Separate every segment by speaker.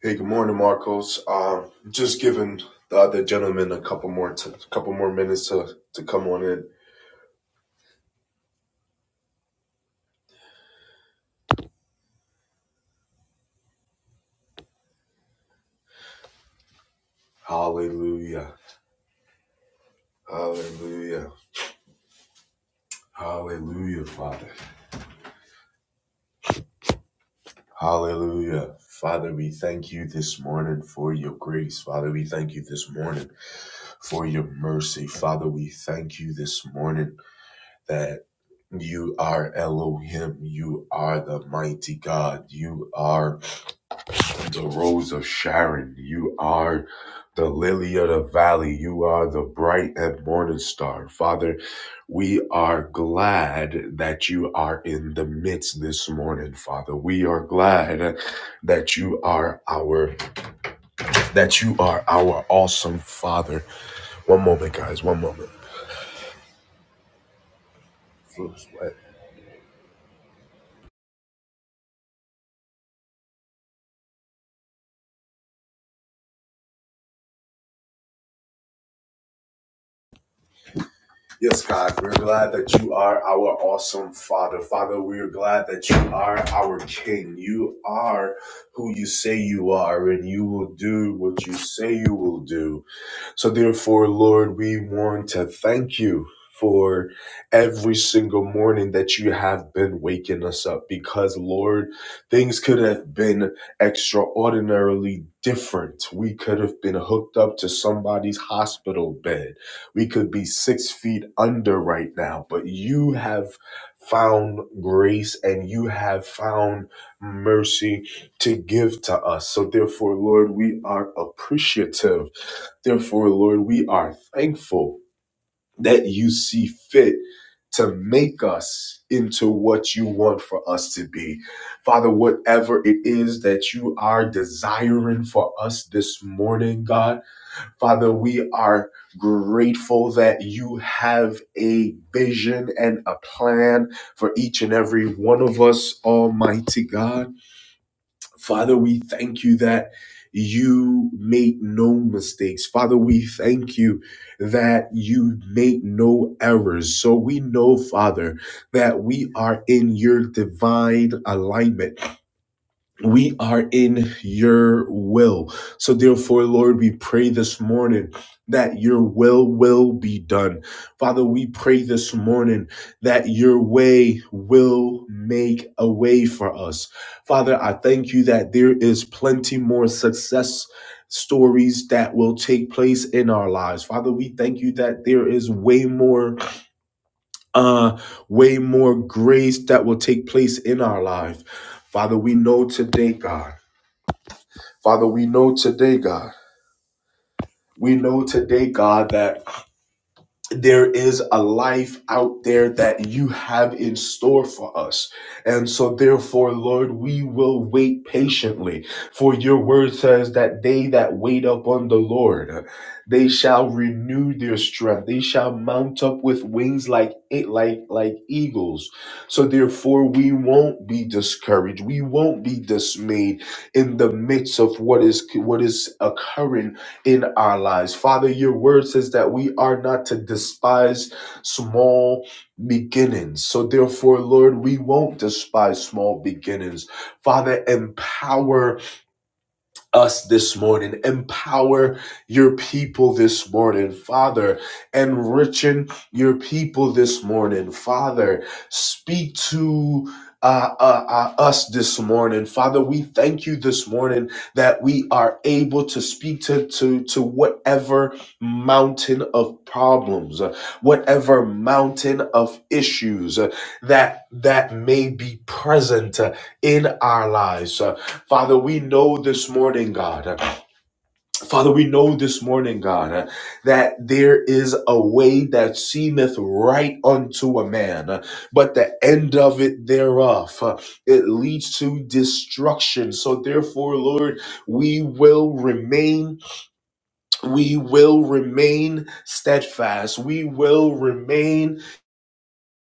Speaker 1: Hey, good morning, Marcos. Um, just giving the other gentleman a couple more, t- couple more minutes to to come on in. Hallelujah, Hallelujah, Hallelujah, Father, Hallelujah, Father. We thank you this morning for your grace, Father. We thank you this morning for your mercy, Father. We thank you this morning that you are Elohim. You are the mighty God. You are. the rose of Sharon. You are the lily of the valley. You are the bright and morning star. Father, we are glad that you are in the midst this morning, Father. We are glad that you are our that you are our awesome Father. One moment, guys. One moment. Flu sweat. Yes, God, we're glad that you are our awesome Father. Father, we're glad that you are our King. You are who you say you are, and you will do what you say you will do. So, therefore, Lord, we want to thank you for every single morning that you have been waking us up because, Lord, things could have been extraordinarily different. We could have been hooked up to somebody's hospital bed. We could be six feet under right now, but you have found grace and you have found mercy to give to us. So, therefore, Lord, we are appreciative Therefore, Lord, we are thankful that you see fit to make us into what you want for us to be. Father, whatever it is that you are desiring for us this morning, God, Father, we are grateful that you have a vision and a plan for each and every one of us, Almighty God. Father, we thank you that you made no mistakes. Father, we thank you that you made no errors. So we know, Father, that we are in your divine alignment. We are in your will. So, therefore, Lord, we pray this morning that your will will be done. Father, we pray this morning that your way will make a way for us. Father, I thank you that there is plenty more success stories that will take place in our lives. Father, we thank you that there is way more uh way more grace that will take place in our life. Father, we know today, God. Father, we know today, God, we know today, God, that there is a life out there that you have in store for us. And so, therefore, Lord, we will wait patiently. For your word says that they that wait upon the Lord, they shall renew their strength. They shall mount up with wings like like like eagles. So therefore we won't be discouraged. We won't be dismayed in the midst of what is what is occurring in our lives. Father, your word says that we are not to despise small beginnings. So, therefore, Lord, we won't despise small beginnings. Father, empower us this morning. Empower your people this morning, Father. Enrichen your people this morning, Father. Speak to uh, uh, uh, us this morning, Father. We thank you this morning that we are able to speak to to to whatever mountain of problems, uh, whatever mountain of issues uh, that that may be present uh, in our lives. Father, we know this morning, God. uh, Father, we know this morning, God, uh, that there is a way that seemeth right unto a man, uh, but the end of it thereof, uh, it leads to destruction. So therefore, Lord, we will remain, we will remain steadfast. We will remain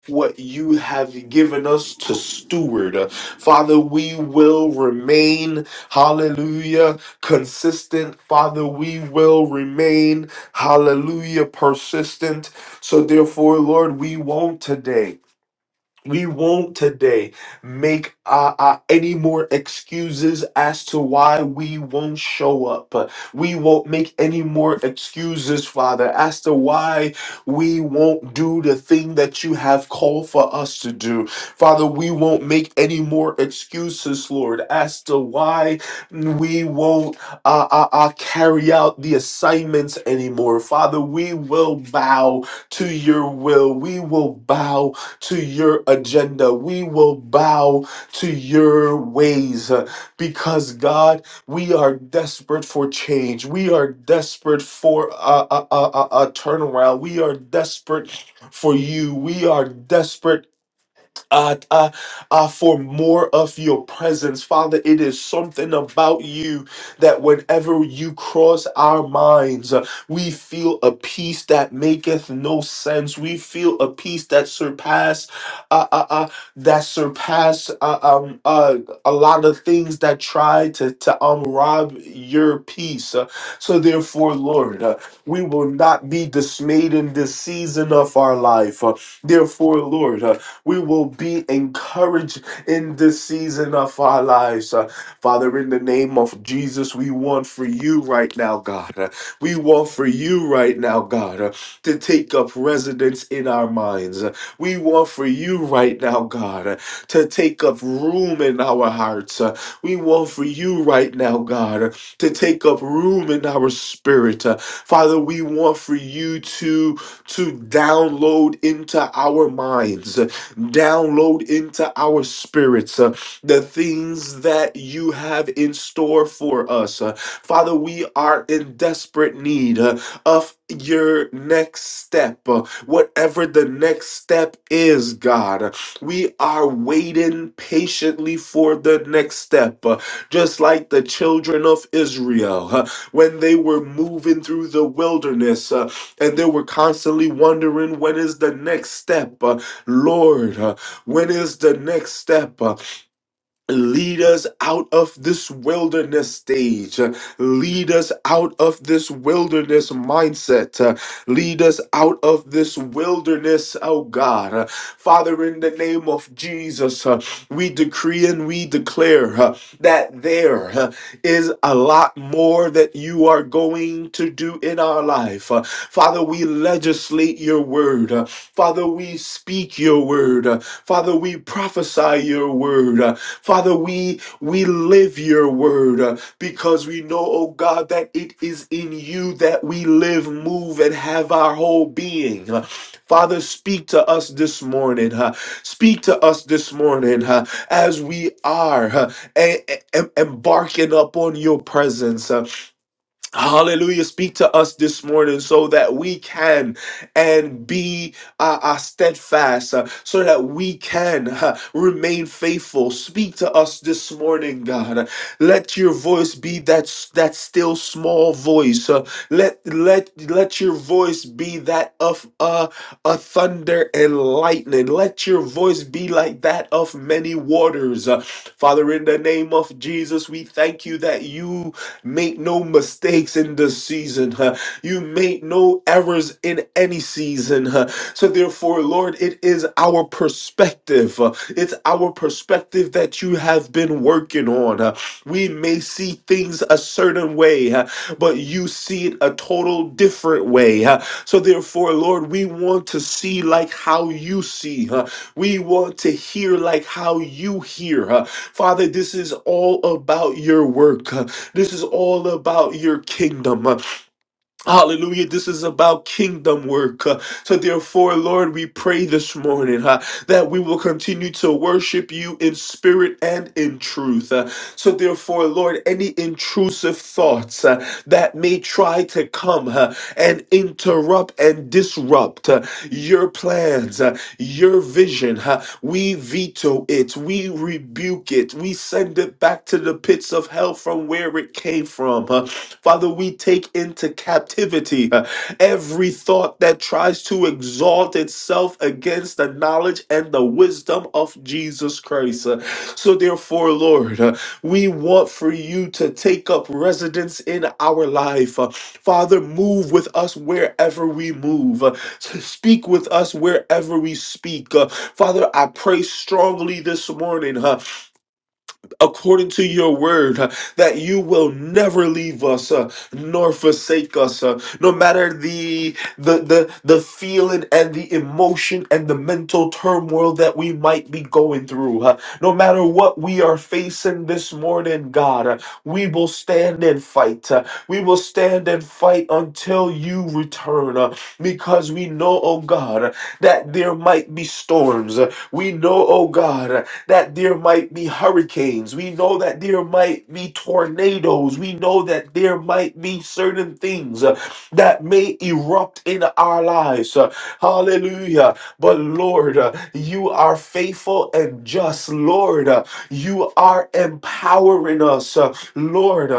Speaker 1: what you have given us to steward. Uh, Father, we will remain, hallelujah, consistent. Father, we will remain, hallelujah, persistent. So, therefore, Lord, we won't today. We won't today make uh, uh, any more excuses as to why we won't show up. Uh, We won't make any more excuses, Father, as to why we won't do the thing that you have called for us to do. Father, we won't make any more excuses, Lord, as to why we won't uh, uh, uh, carry out the assignments anymore. Father, we will bow to your will. We will bow to your agenda. We will bow to your ways uh, because, God, we are desperate for change. We are desperate for a, a, a, a a turnaround. We are desperate for you. We are desperate uh, uh, uh, for more of your presence. Father, it is something about you that whenever you cross our minds, uh, we feel a peace that maketh no sense. We feel a peace that surpass, uh, uh, uh, that surpass uh, um, uh, a lot of things that try to, to um, rob your peace. Uh, so therefore, Lord, uh, we will not be dismayed in this season of our life. Uh, therefore, Lord, uh, we will be encouraged in this season of our lives. Uh, Father, in the name of Jesus, we want for you right now, God. Uh, we want for you right now, God, uh, to take up residence in our minds. Uh, we want for you right now, God, uh, to take up room in our hearts. Uh, we want for you right now, God, uh, to take up room in our spirit. Uh, Father, we want for you to to download into our minds. Download into our spirits uh, the things that you have in store for us. Uh, Father, we are in desperate need uh, of your next step, uh, whatever the next step is, God. We are waiting patiently for the next step, uh, just like the children of Israel uh, when they were moving through the wilderness uh, and they were constantly wondering when is the next step. uh, Lord, uh, when is the next step? Uh, lead us out of this wilderness stage. Uh, lead us out of this wilderness mindset. Uh, lead us out of this wilderness, oh God. Uh, Father, in the name of Jesus, uh, we decree and we declare uh, that there. uh, is a lot more that you are going to do in our life. Uh, Father, we legislate your word. Uh, Father, we speak your word. Uh, Father, we prophesy your word. Uh, Father, we we live your word uh, because we know, oh God, that it is in you that we live, move, and have our whole being. Uh, Father, speak to us this morning. huh? Speak to us this morning huh, as we are. huh? and, and embarking upon your presence. Uh, Hallelujah. Speak to us this morning so that we can and be uh, uh, steadfast, uh, so that we can uh, remain faithful. Speak to us this morning, God. Let your voice be that s- that still small voice. uh, let let let your voice be that of uh, a thunder and lightning. Let your voice be like that of many waters. Uh, Father, in the name of Jesus, we thank you that you make no mistakes in this season. huh? You make no errors in any season. huh? So, therefore, Lord, it is our perspective. uh, It's our perspective that you have been working on. uh, We may see things a certain way, uh, but you see it a total different way. uh, So, therefore, Lord, we want to see like how you see. uh, We want to hear like how you hear. uh, Father, this is all about your work. huh? This is all about your kingdom. Uh, Hallelujah. This is about kingdom work. Uh, So, therefore, Lord, we pray this morning uh, that we will continue to worship you in spirit and in truth. Uh, So, therefore, Lord, any intrusive thoughts uh, that may try to come uh, and interrupt and disrupt uh, your plans, uh, your vision, uh, we veto it, we rebuke it, we send it back to the pits of hell from where where it came from. huh? Father, we take into captivity uh, every thought that tries to exalt itself against the knowledge and the wisdom of Jesus Christ. Uh, So, therefore, Lord, uh, we want for you to take up residence in our life. Uh, Father, move with us wherever we move. Uh, s- Speak with us wherever we speak. Uh, Father, I pray strongly this morning. huh, according to your word uh, that you will never leave us uh, nor forsake us uh, no matter the, the the the feeling and the emotion and the mental turmoil that we might be going through uh, no matter what we are facing this morning god uh, we will stand and fight uh, we will stand and fight until you return uh, because we know oh god uh, that there might be storms uh, we know oh god that there might be hurricanes. We know that there might be tornadoes. We know that there might be certain things uh, that may erupt in our lives. Uh, Hallelujah. But Lord, uh, you are faithful and just. Lord, uh, you are empowering us. Uh, Lord, uh,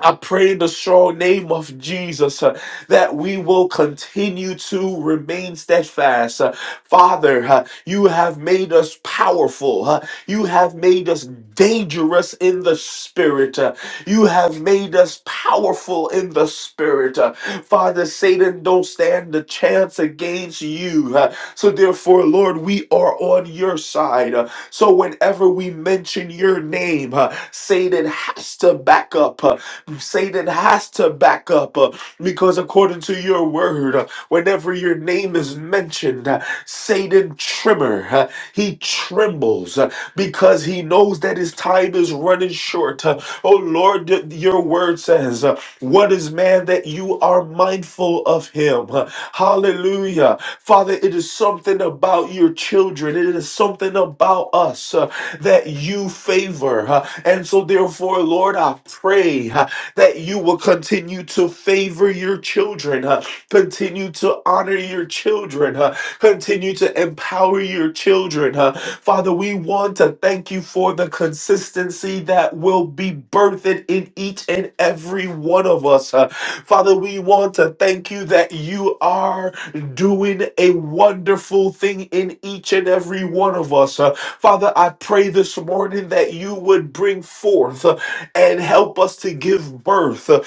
Speaker 1: I pray in the strong name of Jesus uh, that we will continue to remain steadfast. Uh, Father, uh, you have made us powerful. uh, you have made us dangerous in the spirit. uh, you have made us powerful in the spirit. uh, Father, Satan don't stand a chance against you. uh, so therefore, Lord, we are on your side. uh, so whenever we mention your name, uh, Satan has to back up. uh, Satan has to back up uh, because according to your word, uh, whenever your name is mentioned, uh, Satan tremor. uh, he trembles uh, because he knows that his time is running short. Uh, oh Lord, your word says. uh, what is man that you are mindful of him? Hallelujah. Father, it is something about your children. It is something about us uh, that you favor. uh, and so, therefore, Lord, I pray uh, that you will continue to favor your children, uh, continue to honor your children, uh, Continue to empower your children. huh? Father, we want to thank you for the consistency that will be birthed in each and every one of us. huh? Father, we want to thank you that you are doing a wonderful thing in each and every one of us. Uh, Father, I pray this morning that you would bring forth uh, and help us to give birth. Uh,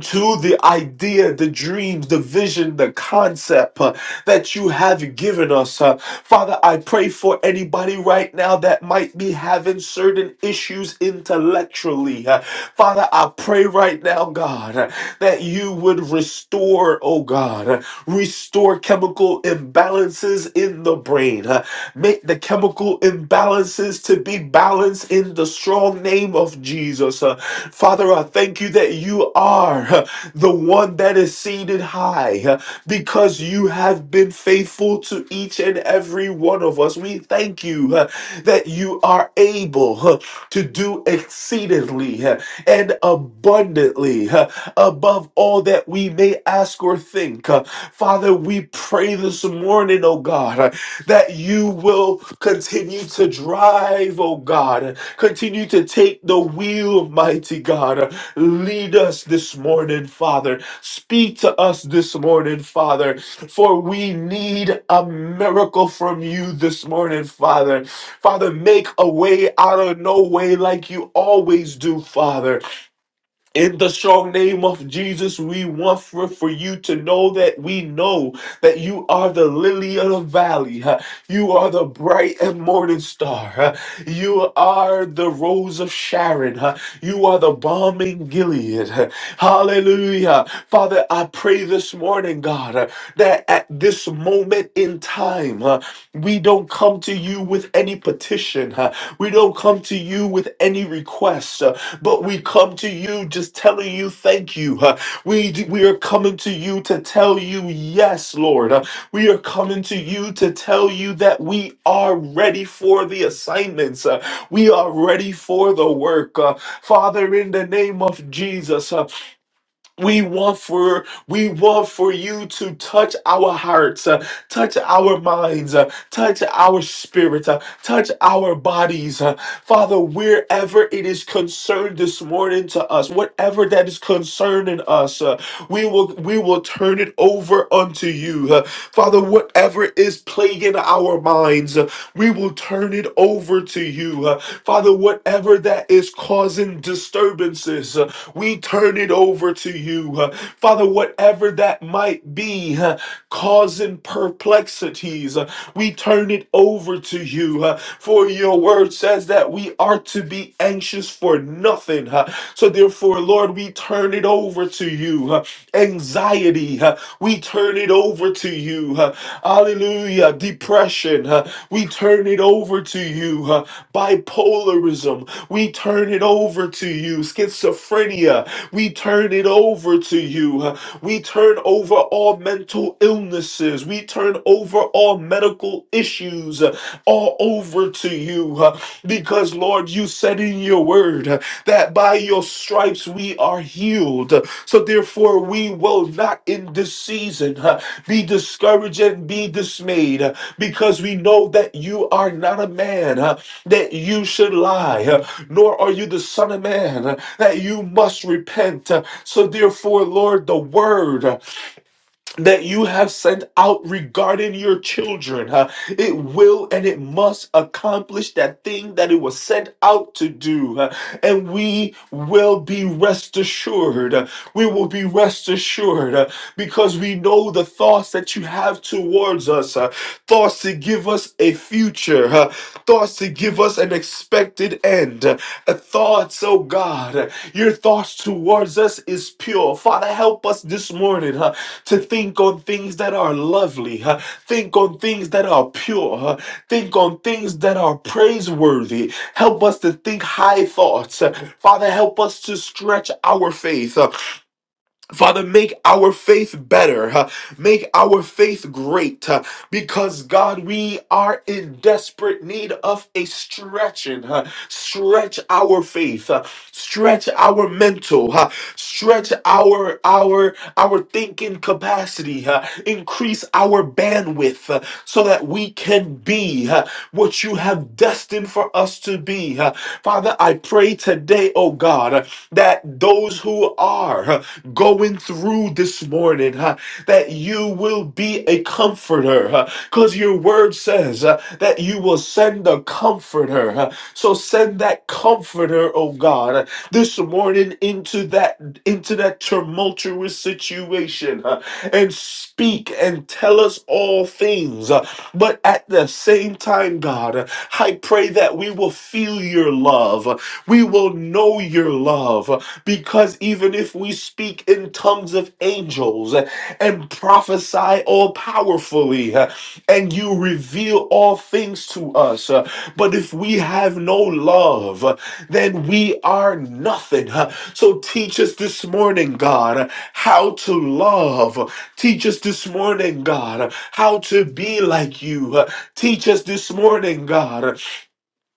Speaker 1: to the idea, the dreams, the vision, the concept uh, that you have given us. uh. Father, I pray for anybody right now that might be having certain issues intellectually. uh. Father, I pray right now, God, uh, that you would restore, oh God, uh, restore chemical imbalances imbalances in the brain. Uh, Make the chemical imbalances to be balanced in the strong name of Jesus. Uh, Father, I thank you that you are uh, the one that is seated high uh, because you have been faithful to each and every one of us. We thank you uh, that you are able uh, to do exceedingly uh, and abundantly. uh, above all that we may ask or think. Uh, Father, we pray this morning, oh God, uh, that you will continue to drive, oh God, uh, continue to take the wheel, mighty God. Uh, Lead us this morning, Father. Speak to us this morning, Father, for we need a miracle from you this morning, Father. Father, make a way out of no way like you always do, Father. In the strong name of Jesus, we want for, for you to know that we know that you are the lily of the valley. huh? You are the bright and morning star. huh? You are the rose of Sharon. huh? You are the balm in Gilead. huh? Hallelujah. Father, I pray this morning, God, uh, that at this moment in time, uh, we don't come to you with any petition. uh, We don't come to you with any requests. uh, but we come to you just telling you thank you. huh? We d- we are coming to you to tell you yes, Lord. huh? We are coming to you to tell you that we are ready for the assignments. huh? We are ready for the work. huh? Father, in the name of Jesus, huh? We want for we want for you to touch our hearts, uh, touch our minds, uh, touch our spirit, uh, touch our bodies, uh, Father. Wherever it is concerned this morning to us, whatever that is concerning us, uh, we will we will turn it over unto you, uh, Father. Whatever is plaguing our minds, uh, we will turn it over to you. Uh, Father, whatever that is causing disturbances, uh, we turn it over to you. Uh, Father, whatever that might be uh, causing perplexities, uh, we turn it over to you. uh, for your word says that we are to be anxious for nothing. uh, so, therefore, Lord, we turn it over to you. Uh, Anxiety, uh, we turn it over to you. Uh, Hallelujah. Depression, uh, we turn it over to you. Uh, Bipolarism, we turn it over to you. Schizophrenia, we turn it over to you. Uh, We turn over all mental illnesses. We turn over all medical issues uh, all over to you uh, because, Lord, you said in your word uh, that by your stripes we are healed. So, therefore, we will not in this season uh, be discouraged and be dismayed uh, because we know that you are not a man uh, that you should lie, uh, nor are you the Son of Man uh, that you must repent. Uh, So, therefore, Lord, the word. uh, that you have sent out regarding your children. huh? It will and it must accomplish that thing that it was sent out to do. huh? And we will be rest assured. uh, We will be rest assured uh, because we know the thoughts that you have towards us uh, thoughts to give us a future, huh? thoughts to give us an expected end, huh? thoughts, oh God. Your thoughts towards us is pure. Father, help us this morning huh, to think on things that are lovely, huh, think on things that are pure, huh, think on things that are praiseworthy. Help us to think high thoughts. Father, help us to stretch our faith. huh, Father, make our faith better. huh? Make our faith great. huh? Because, God, we are in desperate need of a stretching. huh? Stretch our faith. huh? Stretch our mental. huh? Stretch our our our thinking capacity. huh? Increase our bandwidth huh? so that we can be huh, what you have destined for us to be. huh? Father, I pray today, oh God that those who are huh, going through this morning, huh, that you will be a comforter, because your word says uh, that you will send a comforter. huh. So send that comforter, oh God, uh, this morning into that into that tumultuous situation, huh, and speak and tell us all things. uh, But at the same time, God, uh, I pray that we will feel your love. We will know your love because even if we speak in tongues of angels and prophesy all powerfully and you reveal all things to us, but if we have no love, then we are nothing. So teach us this morning, God, how to love. Teach us this morning, God, how to be like you. Teach us this morning, God,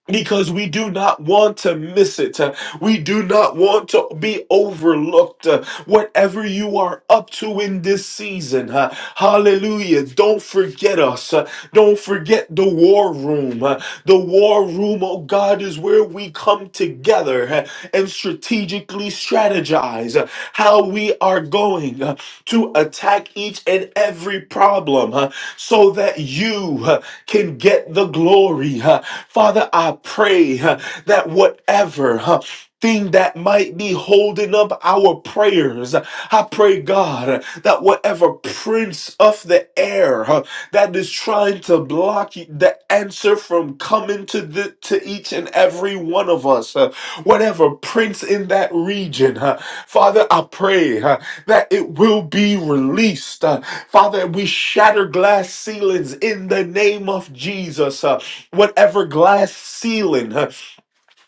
Speaker 1: because we do not want to miss it. Uh, We do not want to be overlooked. Uh, Whatever you are up to in this season, uh, hallelujah. Don't forget us. Uh, Don't forget the war room. Uh, The war room, oh God, is where we come together uh, and strategically strategize uh, how we are going to attack each and every problem huh, so that you huh, can get the glory. huh. Father, I pray huh, that whatever huh, thing that might be holding up our prayers. I pray, God, that whatever prince of the air uh, that is trying to block the answer from coming to the to each and every one of us, uh, whatever prince in that region, uh, Father, I pray uh, that it will be released. Uh, Father, we shatter glass ceilings in the name of Jesus. Uh, whatever glass ceiling. uh,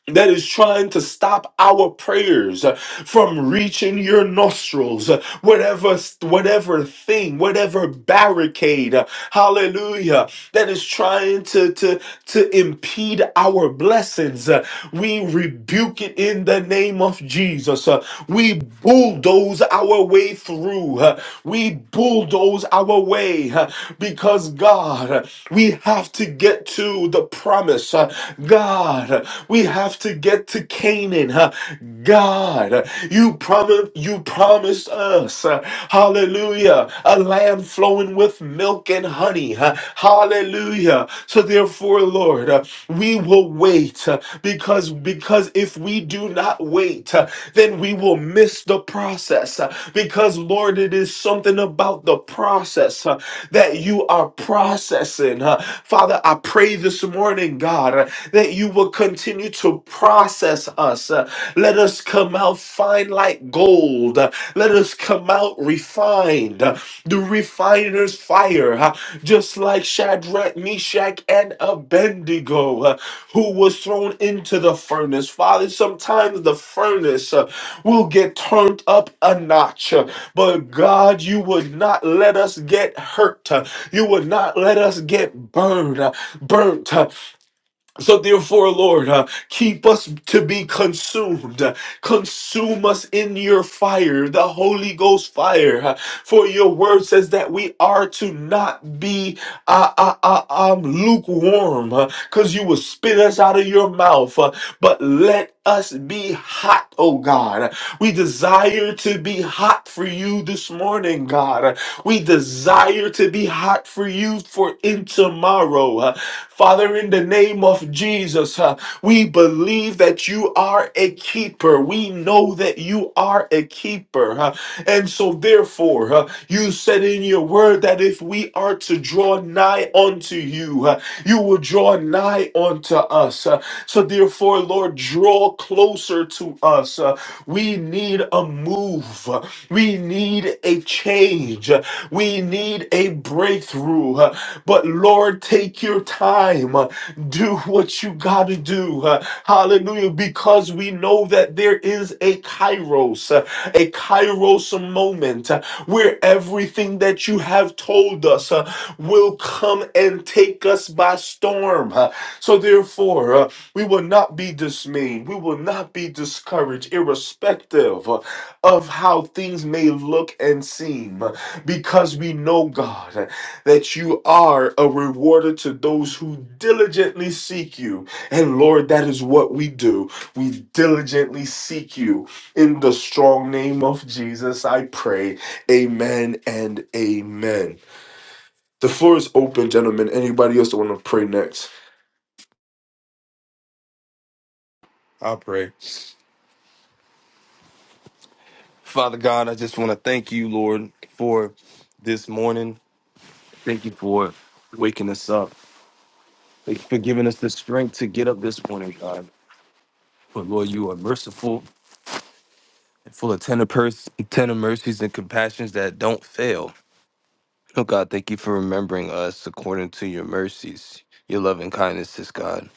Speaker 1: that is trying to stop our prayers uh, from reaching your nostrils uh, whatever whatever thing whatever barricade uh, hallelujah that is trying to, to, to impede our blessings. Uh, we rebuke it in the name of Jesus. Uh, we bulldoze our way through. Uh, we bulldoze our way uh, because, God, uh, we have to get to the promise. Uh, God, uh, we have to get to Canaan saying, huh, God, uh, you prom— you promised us, uh, hallelujah, a land flowing with milk and honey, huh, hallelujah. So therefore, Lord, uh, we will wait uh, because because if we do not wait, uh, then we will miss the process uh, because Lord, it is something about the the process uh, that you are processing. uh. Father, I pray this morning, God, uh, that you will continue to process us. uh. Let us come out fine like gold. uh. Let us come out refined. uh, The refiner's fire, uh, just like Shadrach, Meshach, and Abednego. uh who was thrown into the furnace. Father, sometimes the furnace uh, will get turned up a notch, uh, but God, you would not let us get hurt. uh, You would not let us get burned, uh, burnt. uh, so therefore, Lord, uh, keep us to be consumed. Uh, Consume us in your fire, the Holy Ghost fire. Uh, For your word says that we are to not be uh, uh, uh, um, lukewarm, because you will spit us out of your mouth. Uh, But let us be hot, oh God. We desire to be hot for you this morning, God. We desire to be hot for you for in tomorrow. Father, in the name of Jesus, uh, we believe that you are a keeper. We know that you are a keeper. uh, and so, therefore, uh, you said in your word that if we are to draw nigh unto you, uh, you will draw nigh unto us. Uh, so, therefore, Lord, draw closer to us. Uh, we need a move. uh, We need a change. uh, We need a breakthrough. uh, but Lord, take your time. Uh, Do what you got to do. Uh, Hallelujah. Because we know that there is a kairos, uh, a kairos moment uh, where everything that you have told us uh, will come and take us by storm. Uh, So therefore, uh, we will not be dismayed. We will not be discouraged, irrespective uh, of how things may look and seem, because we know God that you are a rewarder to those who diligently seek you. And Lord, that is what we do. We diligently seek you. In the strong name of Jesus, I pray. Amen and amen. The floor is open, gentlemen. Anybody else that want to pray next?
Speaker 2: I pray. Father God, I just want to thank you, Lord, for this morning. Thank you for waking us up. Thank you for giving us the strength to get up this morning, God. But Lord, you are merciful and full of tender, pers- tender mercies and compassions that don't fail. Oh God, thank you for remembering us according to your mercies, your loving kindnesses, God,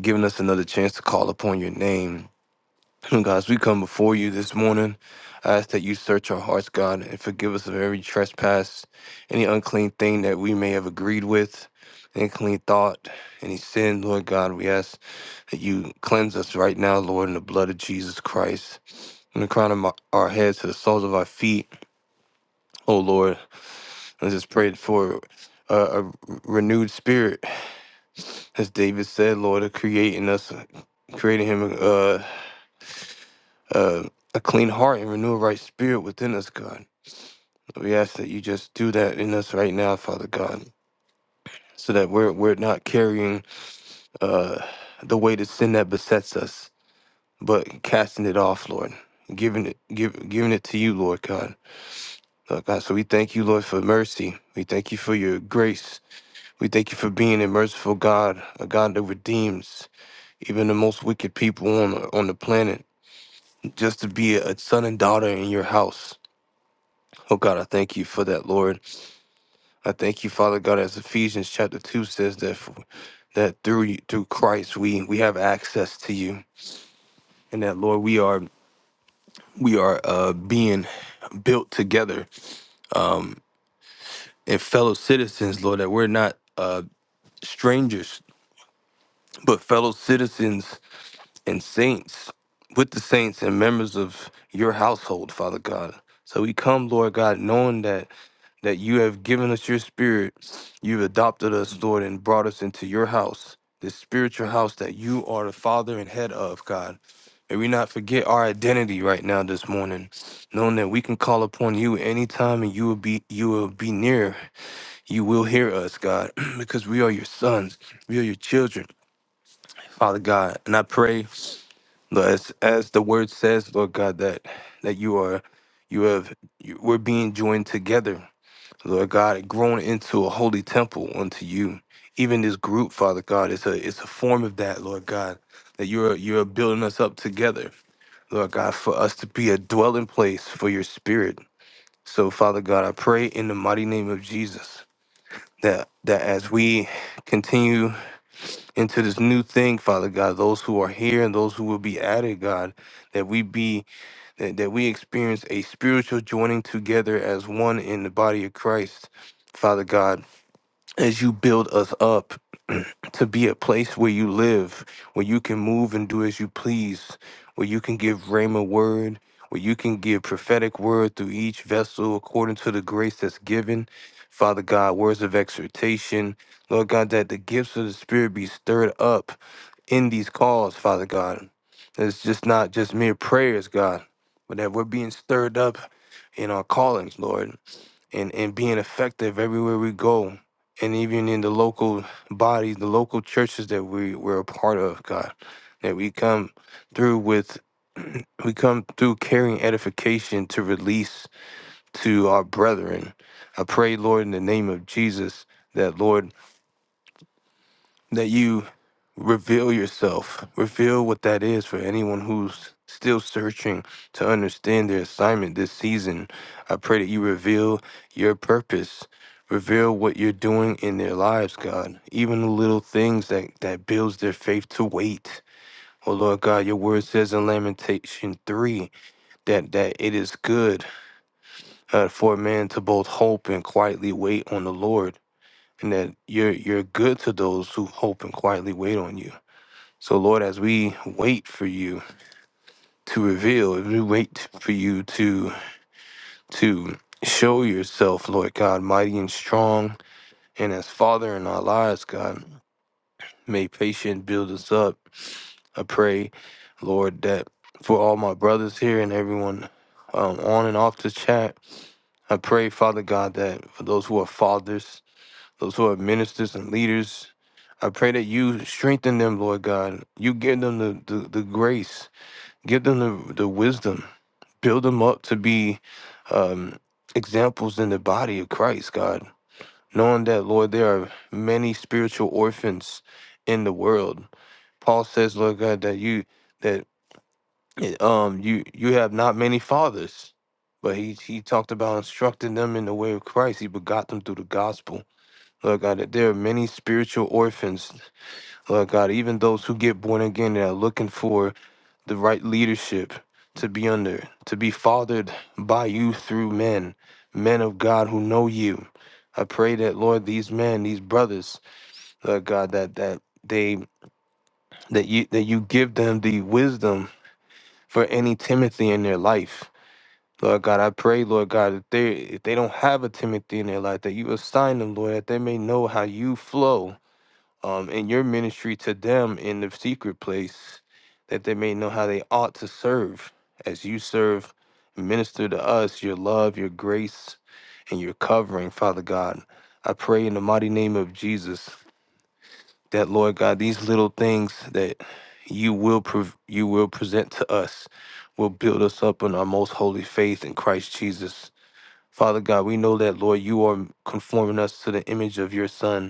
Speaker 2: giving us another chance to call upon your name. God, as we come before you this morning, I ask that you search our hearts, God, and forgive us of every trespass, any unclean thing that we may have agreed with, any clean thought, any sin, Lord God. We ask that you cleanse us right now, Lord, in the blood of Jesus Christ, from the crown of my, our heads to the soles of our feet. Oh, Lord, I just pray for uh, a renewed spirit, as David said, Lord, of creating us, creating him uh, uh, a clean heart and renew a right spirit within us, God. We ask that you just do that in us right now, Father God, so that we're we're not carrying uh, the weight of sin that besets us, but casting it off, Lord, giving it give, giving it to you, Lord God. Lord God, so we thank you, Lord, for mercy. We thank you for your grace. We thank you for being a merciful God, a God that redeems even the most wicked people on the, on the planet, just to be a son and daughter in your house. Oh God, I thank you for that, Lord. I thank you, Father God, as Ephesians chapter two says that that through you, through Christ we we have access to you, and that Lord we are we are uh, being built together and fellow citizens, Lord, that we're not uh, strangers but fellow citizens and saints with the saints and members of your household, Father God. So we come, Lord God, knowing that. that you have given us your spirit. You've adopted us, Lord, and brought us into your house, this spiritual house that you are the father and head of, God. May we not forget our identity right now this morning, knowing that we can call upon you anytime and you will be you will be near. You will hear us, God, because we are your sons. We are your children, Father God. And I pray, Lord, as, as the word says, Lord God, that that you are you have you, we're being joined together Lord God, it grown into a holy temple unto you. Even this group, Father God, it's a it's a form of that, Lord God, that you're you're building us up together, Lord God, for us to be a dwelling place for your spirit. So, Father God, I pray in the mighty name of Jesus that that as we continue into this new thing, Father God, those who are here and those who will be added, God, that we be that, that we experience a spiritual joining together as one in the body of Christ. Father God, as you build us up to be a place where you live, where you can move and do as you please, where you can give Rhema word, where you can give prophetic word through each vessel according to the grace that's given. Father God, words of exhortation. Lord God, that the gifts of the Spirit be stirred up in these calls, Father God. That It's just not just mere prayers, God, but that we're being stirred up in our callings, Lord and, and being effective everywhere we go. And even in the local bodies, the local churches that we, we're a part of, God, that we come through with, we come through carrying edification to release to our brethren. I pray, Lord, in the name of Jesus, that, Lord, that you reveal yourself, reveal what that is for anyone who's still searching to understand their assignment this season. I pray that you reveal your purpose, reveal what you're doing in their lives, God. Even the little things that that builds their faith to wait. Oh Lord God, your word says in Lamentation 3 that that it is good uh, for a man to both hope and quietly wait on the Lord, and that you're you're good to those who hope and quietly wait on you. So Lord, as we wait for you to reveal, as we wait for you to to show yourself, Lord God, mighty and strong, and as Father in our lives, God, may patience build us up. I pray, Lord, that for all my brothers here and everyone um, on and off the chat, I pray, Father God, that for those who are fathers, those who are ministers and leaders, I pray that you strengthen them, Lord God. You give them the, the, the grace give them the, the wisdom build them up to be um, examples in the body of christ god knowing that lord there are many spiritual orphans in the world paul says lord god that you that eh, um you you have not many fathers but he he talked about instructing them in the way of christ he begot them through the gospel Lord God, that there are many spiritual orphans, Lord God, even those who get born again that are looking for the right leadership to be under, to be fathered by you through men, men of God who know you. I pray that Lord, these men, these brothers, Lord God, that that they that you that you give them the wisdom for any Timothy in their life. Lord God, I pray, Lord God, if they if they don't have a Timothy in their life, that you assign them, Lord, that they may know how you flow um, in your ministry to them in the secret place, that they may know how they ought to serve as you serve and minister to us your love, your grace, and your covering, Father God. I pray in the mighty name of Jesus that, Lord God, these little things that you will prov- you will present to us will build us up in our most holy faith in Christ Jesus. Father God, we know that, Lord, you are conforming us to the image of your Son.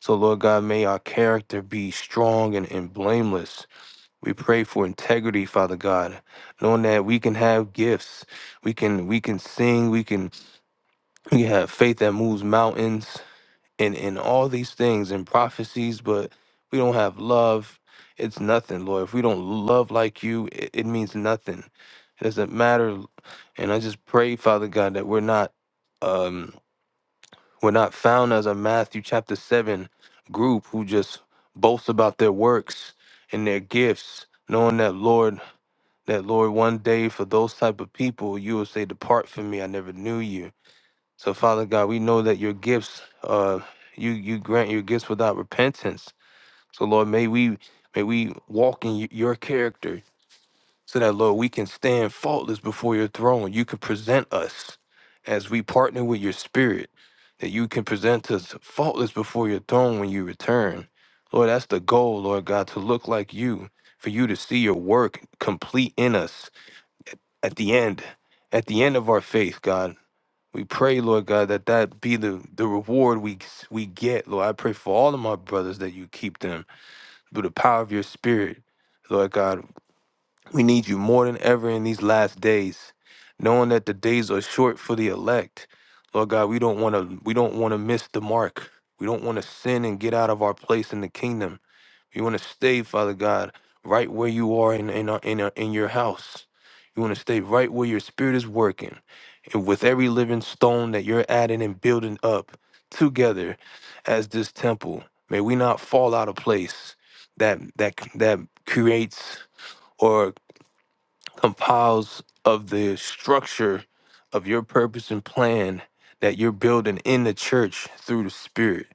Speaker 2: So, Lord God, may our character be strong and, and blameless. We pray for integrity, Father God, knowing that we can have gifts. We can we can sing, we can we can have faith that moves mountains and, and all these things and prophecies, but we don't have love. It's nothing, Lord. If we don't love like you, it, it means nothing. It doesn't matter. And I just pray, Father God, that we're not um we're not found as a Matthew chapter 7 group who just boast about their works and their gifts, knowing that Lord, that Lord, one day for those type of people, you will say, Depart from me, I never knew you. So, Father God, we know that your gifts, uh, you you grant your gifts without repentance. So, Lord, may we may we walk in y- your character so that Lord, we can stand faultless before your throne. You can present us as we partner with your spirit, that you can present us faultless before your throne when you return. Lord, that's the goal, Lord God, to look like you, for you to see your work complete in us at the end, at the end of our faith, God. We pray, Lord God, that that be the, the reward we we get, Lord. I pray for all of my brothers that you keep them through the power of your spirit. Lord God, we need you more than ever in these last days, knowing that the days are short for the elect. Lord God, we don't want to we don't want to miss the mark. We don't want to sin and get out of our place in the kingdom. We want to stay, Father God, right where you are in in our, in, our, in your house. You want to stay right where your spirit is working, and with every living stone that you're adding and building up together as this temple. May we not fall out of place. That that that creates or compiles of the structure of your purpose and plan that you're building in the church through the Spirit.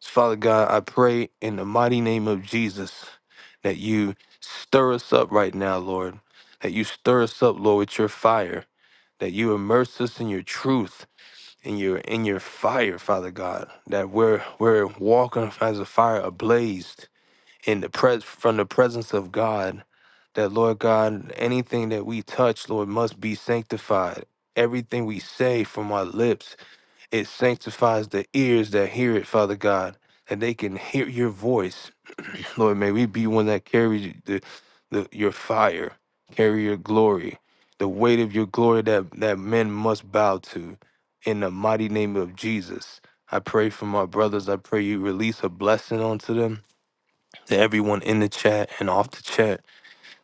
Speaker 2: So, Father God, I pray in the mighty name of Jesus that you stir us up right now, Lord. That you stir us up, Lord, with your fire. That you immerse us in your truth, in your in your fire, Father God. That we're we're walking as a fire ablaze in the pres from the presence of God that Lord God, anything that we touch, Lord, must be sanctified. Everything we say from our lips, it sanctifies the ears that hear it, Father God, and they can hear your voice. Lord, may we be one that carries the, the your fire, carry your glory, the weight of your glory that, that men must bow to. In the mighty name of Jesus. I pray for my brothers. I pray you release a blessing onto them to everyone in the chat and off the chat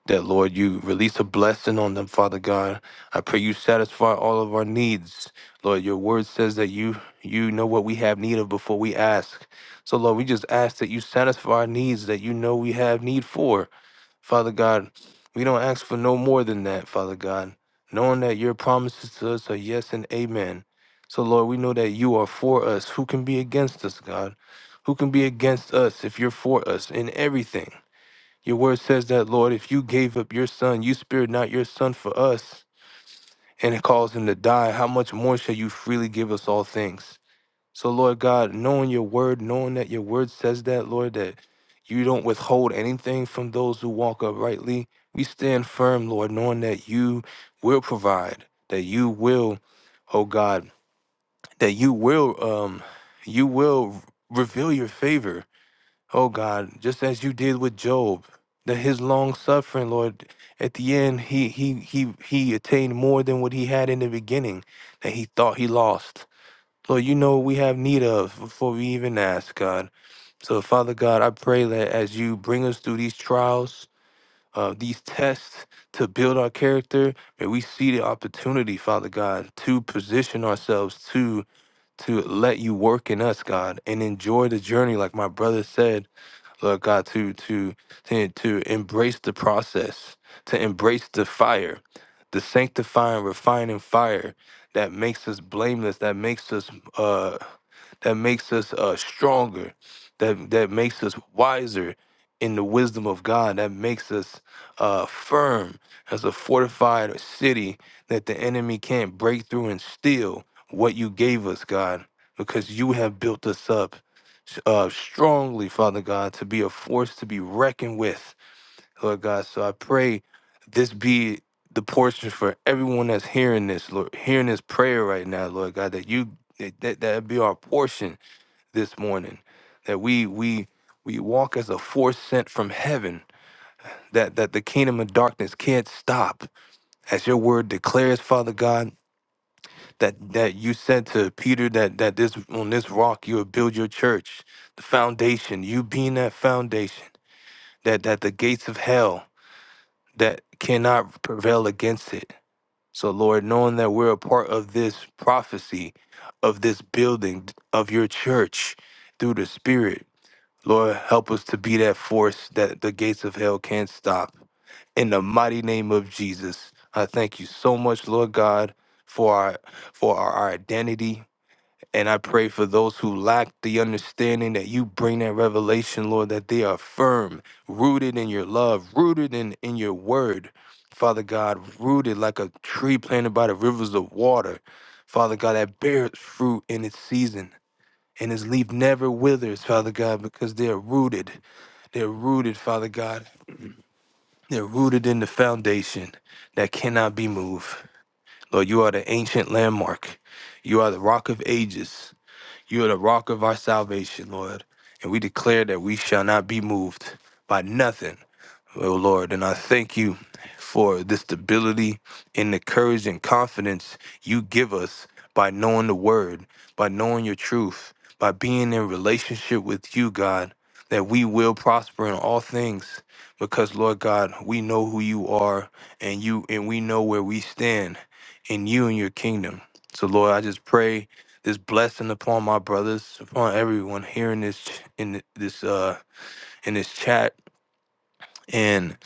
Speaker 2: that, Lord, you release a blessing on them, Father God. I pray you satisfy all of our needs. Lord, your word says that you you know what we have need of before we ask. So Lord, we just ask that you satisfy our needs that you know we have need for. Father God, we don't ask for no more than that, Father God, knowing that your promises to us are yes and amen. So Lord, we know that you are for us. Who can be against us, God? Who can be against us if you're for us in everything? Your word says that, Lord, if you gave up your son, you spared not your son for us, and it caused him to die, how much more shall you freely give us all things? So, Lord God, knowing your word, knowing that your word says that, Lord, that you don't withhold anything from those who walk uprightly, we stand firm, Lord, knowing that you will provide, that you will, oh God, that you will, um, you will reveal your favor Oh God, just as you did with Job, that his long suffering, Lord, at the end he he he he attained more than what he had in the beginning that he thought he lost. Lord, you know what we have need of before we even ask, God. So Father God, I pray that as you bring us through these trials, uh, these tests to build our character, may we see the opportunity, Father God, to position ourselves to to let you work in us, God, and enjoy the journey, like my brother said Lord God, to to to to embrace the process, to embrace the fire, the sanctifying, refining fire that makes us blameless, that makes us uh that makes us uh, stronger, that that makes us wiser in the wisdom of God, that makes us uh, firm as a fortified city that the enemy can't break through and steal what you gave us, God, because you have built us up uh, strongly, Father God, to be a force to be reckoned with, Lord God. So I pray this be the portion for everyone that's hearing this, Lord, hearing this prayer right now, Lord God, that you that that that be our portion this morning that we we we walk as a force sent from heaven that that the kingdom of darkness can't stop as your word declares father god that that you said to peter that that this on this rock you will build your church the foundation you being that foundation that that the gates of hell that cannot prevail against it so lord knowing that we're a part of this prophecy of this building of your church through the spirit Lord, help us to be that force that the gates of hell can't stop. In the mighty name of Jesus, I thank you so much, Lord God, for our for our, our identity. And I pray for those who lack the understanding that you bring that revelation, Lord, that they are firm, rooted in your love, rooted in, in your word, Father God, rooted like a tree planted by the rivers of water, Father God, that bears fruit in its season and its leaf never withers, Father God, because they are rooted. They're rooted, Father God. They're rooted in the foundation that cannot be moved. Lord, you are the ancient landmark. You are the rock of ages. You are the rock of our salvation, Lord. And we declare that we shall not be moved by nothing oh Lord. And I thank you for the stability and the courage and confidence you give us by knowing the word, by knowing your truth, by being in relationship with you, God, that we will prosper in all things. Because Lord God, we know who you are and you and we know where we stand in you and your kingdom. So Lord, I just pray this blessing upon my brothers, upon everyone hearing this ch- in this uh in this chat and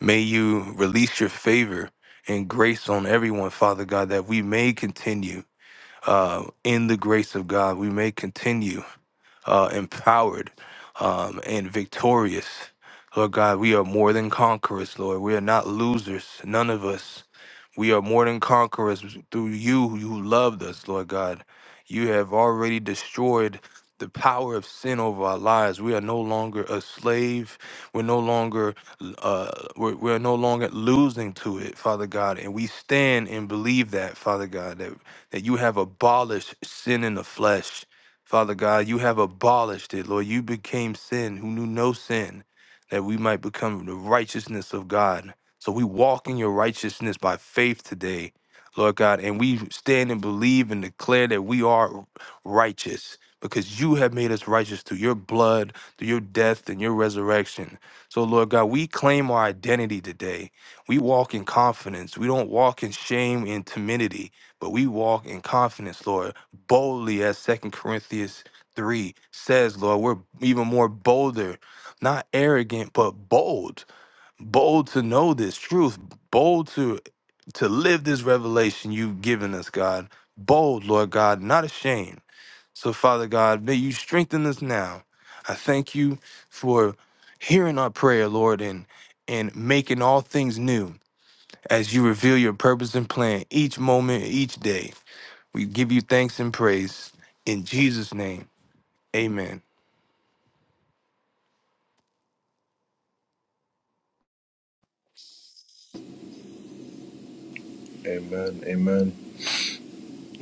Speaker 2: may you release your favor and grace on everyone, Father God, that we may continue uh, in the grace of God. We may continue uh, empowered um, and victorious. Lord God, we are more than conquerors, Lord. We are not losers, none of us. We are more than conquerors through you who loved us, Lord God. You have already destroyed the power of sin over our lives. We are no longer a slave. We're no longer uh, we're, we're no longer losing to it, Father God. And we stand and believe that, Father God, that, that you have abolished sin in the flesh. Father God, you have abolished it, Lord. You became sin who knew no sin, that we might become the righteousness of God. So we walk in your righteousness by faith today, Lord God, and we stand and believe and declare that we are righteous because you have made us righteous through your blood, through your death, and your resurrection. So, Lord God, we claim our identity today. We walk in confidence. We don't walk in shame and timidity, but we walk in confidence, Lord, boldly as Second Corinthians 3 says, Lord, we're even more bolder, not arrogant, but bold bold to know this truth, bold to to live this revelation you've given us, God. Bold, Lord God, not ashamed. So, Father God, may you strengthen us now. I thank you for hearing our prayer, Lord, and and making all things new as you reveal your purpose and plan each moment, each day. We give you thanks and praise in Jesus' name. Amen.
Speaker 3: Amen. Amen.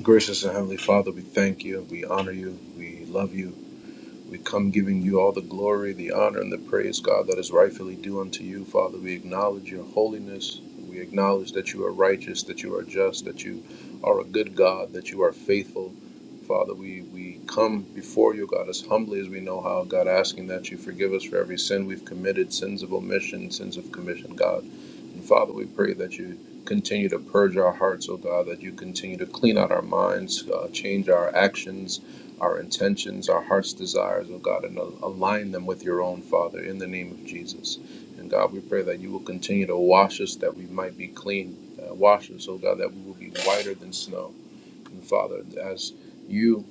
Speaker 3: Gracious and Heavenly Father, we thank you. We honor you. We love you. We come giving you all the glory, the honor, and the praise, God, that is rightfully due unto you. Father, we acknowledge your holiness. We acknowledge that you are righteous, that you are just, that you are a good God, that you are faithful. Father, we, we come before you, God, as humbly as we know how, God, asking that you forgive us for every sin we've committed, sins of omission, sins of commission, God. And Father, we pray that you continue to purge our hearts, oh God, that you continue to clean out our minds, uh, change our actions, our intentions, our heart's desires, oh God, and align them with your own, Father, in the name of Jesus. And God, we pray that you will continue to wash us that we might be clean. Uh, wash us, oh God, that we will be whiter than snow. And Father, as you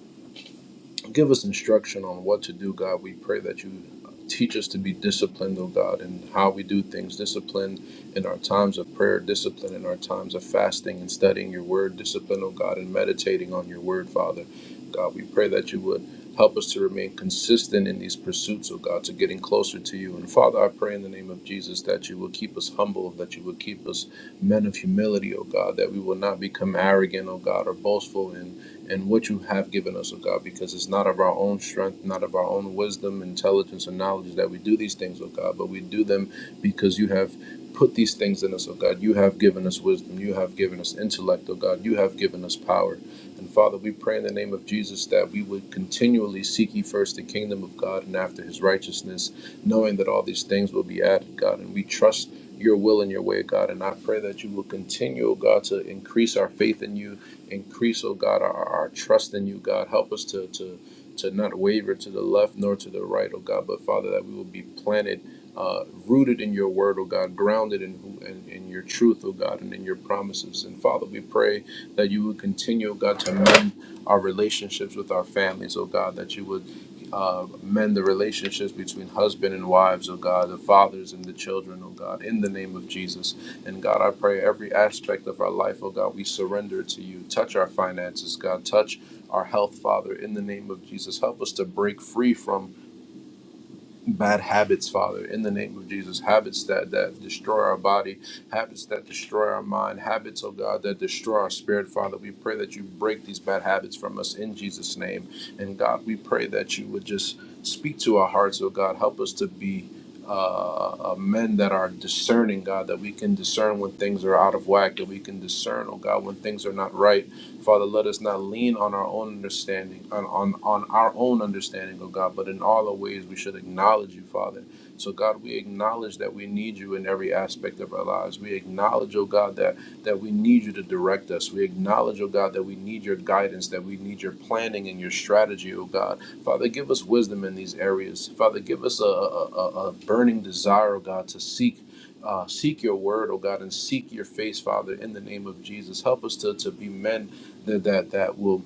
Speaker 3: Give us instruction on what to do, God. We pray that you teach us to be disciplined, oh God, in how we do things. Discipline in our times of prayer, discipline in our times of fasting and studying your word, discipline, oh God, in meditating on your word, Father. God, we pray that you would help us to remain consistent in these pursuits, oh God, to getting closer to you. And Father, I pray in the name of Jesus that you will keep us humble, that you will keep us men of humility, oh God, that we will not become arrogant, oh God, or boastful in and what you have given us, O God, because it's not of our own strength, not of our own wisdom, intelligence, and knowledge that we do these things, O God, but we do them because you have put these things in us, O God. You have given us wisdom. You have given us intellect, O God. You have given us power. And Father, we pray in the name of Jesus that we would continually seek ye first the kingdom of God and after his righteousness, knowing that all these things will be added, God. And we trust your will and your way, God. And I pray that you will continue, O God, to increase our faith in you Increase, oh God, our, our trust in you, God. Help us to, to, to not waver to the left nor to the right, oh God, but Father, that we will be planted, uh, rooted in your word, oh God, grounded in, who, and in, in your truth, oh God, and in your promises. And Father, we pray that you would continue, oh God, to mend our relationships with our families, oh God, that you would uh, mend the relationships between husband and wives, oh God, the fathers and the children, oh God, in the name of Jesus. And God, I pray every aspect of our life, oh God, we surrender to you. Touch our finances, God. Touch our health, Father, in the name of Jesus. Help us to break free from bad habits, Father, in the name of Jesus. Habits that, that destroy our body, habits that destroy our mind, habits, oh God, that destroy our spirit, Father. We pray that you break these bad habits from us in Jesus' name. And God, we pray that you would just speak to our hearts, oh God. Help us to be. Uh, uh, men that are discerning, God, that we can discern when things are out of whack, that we can discern, oh God, when things are not right, Father, let us not lean on our own understanding, on, on, on our own understanding, oh God, but in all our ways we should acknowledge you, Father. So, God, we acknowledge that we need you in every aspect of our lives. We acknowledge, oh God, that, that we need you to direct us. We acknowledge, oh God, that we need your guidance, that we need your planning and your strategy, oh God. Father, give us wisdom in these areas. Father, give us a, a, a burning desire, oh God, to seek uh, seek your word, oh God, and seek your face, Father, in the name of Jesus. Help us to, to be men that that that will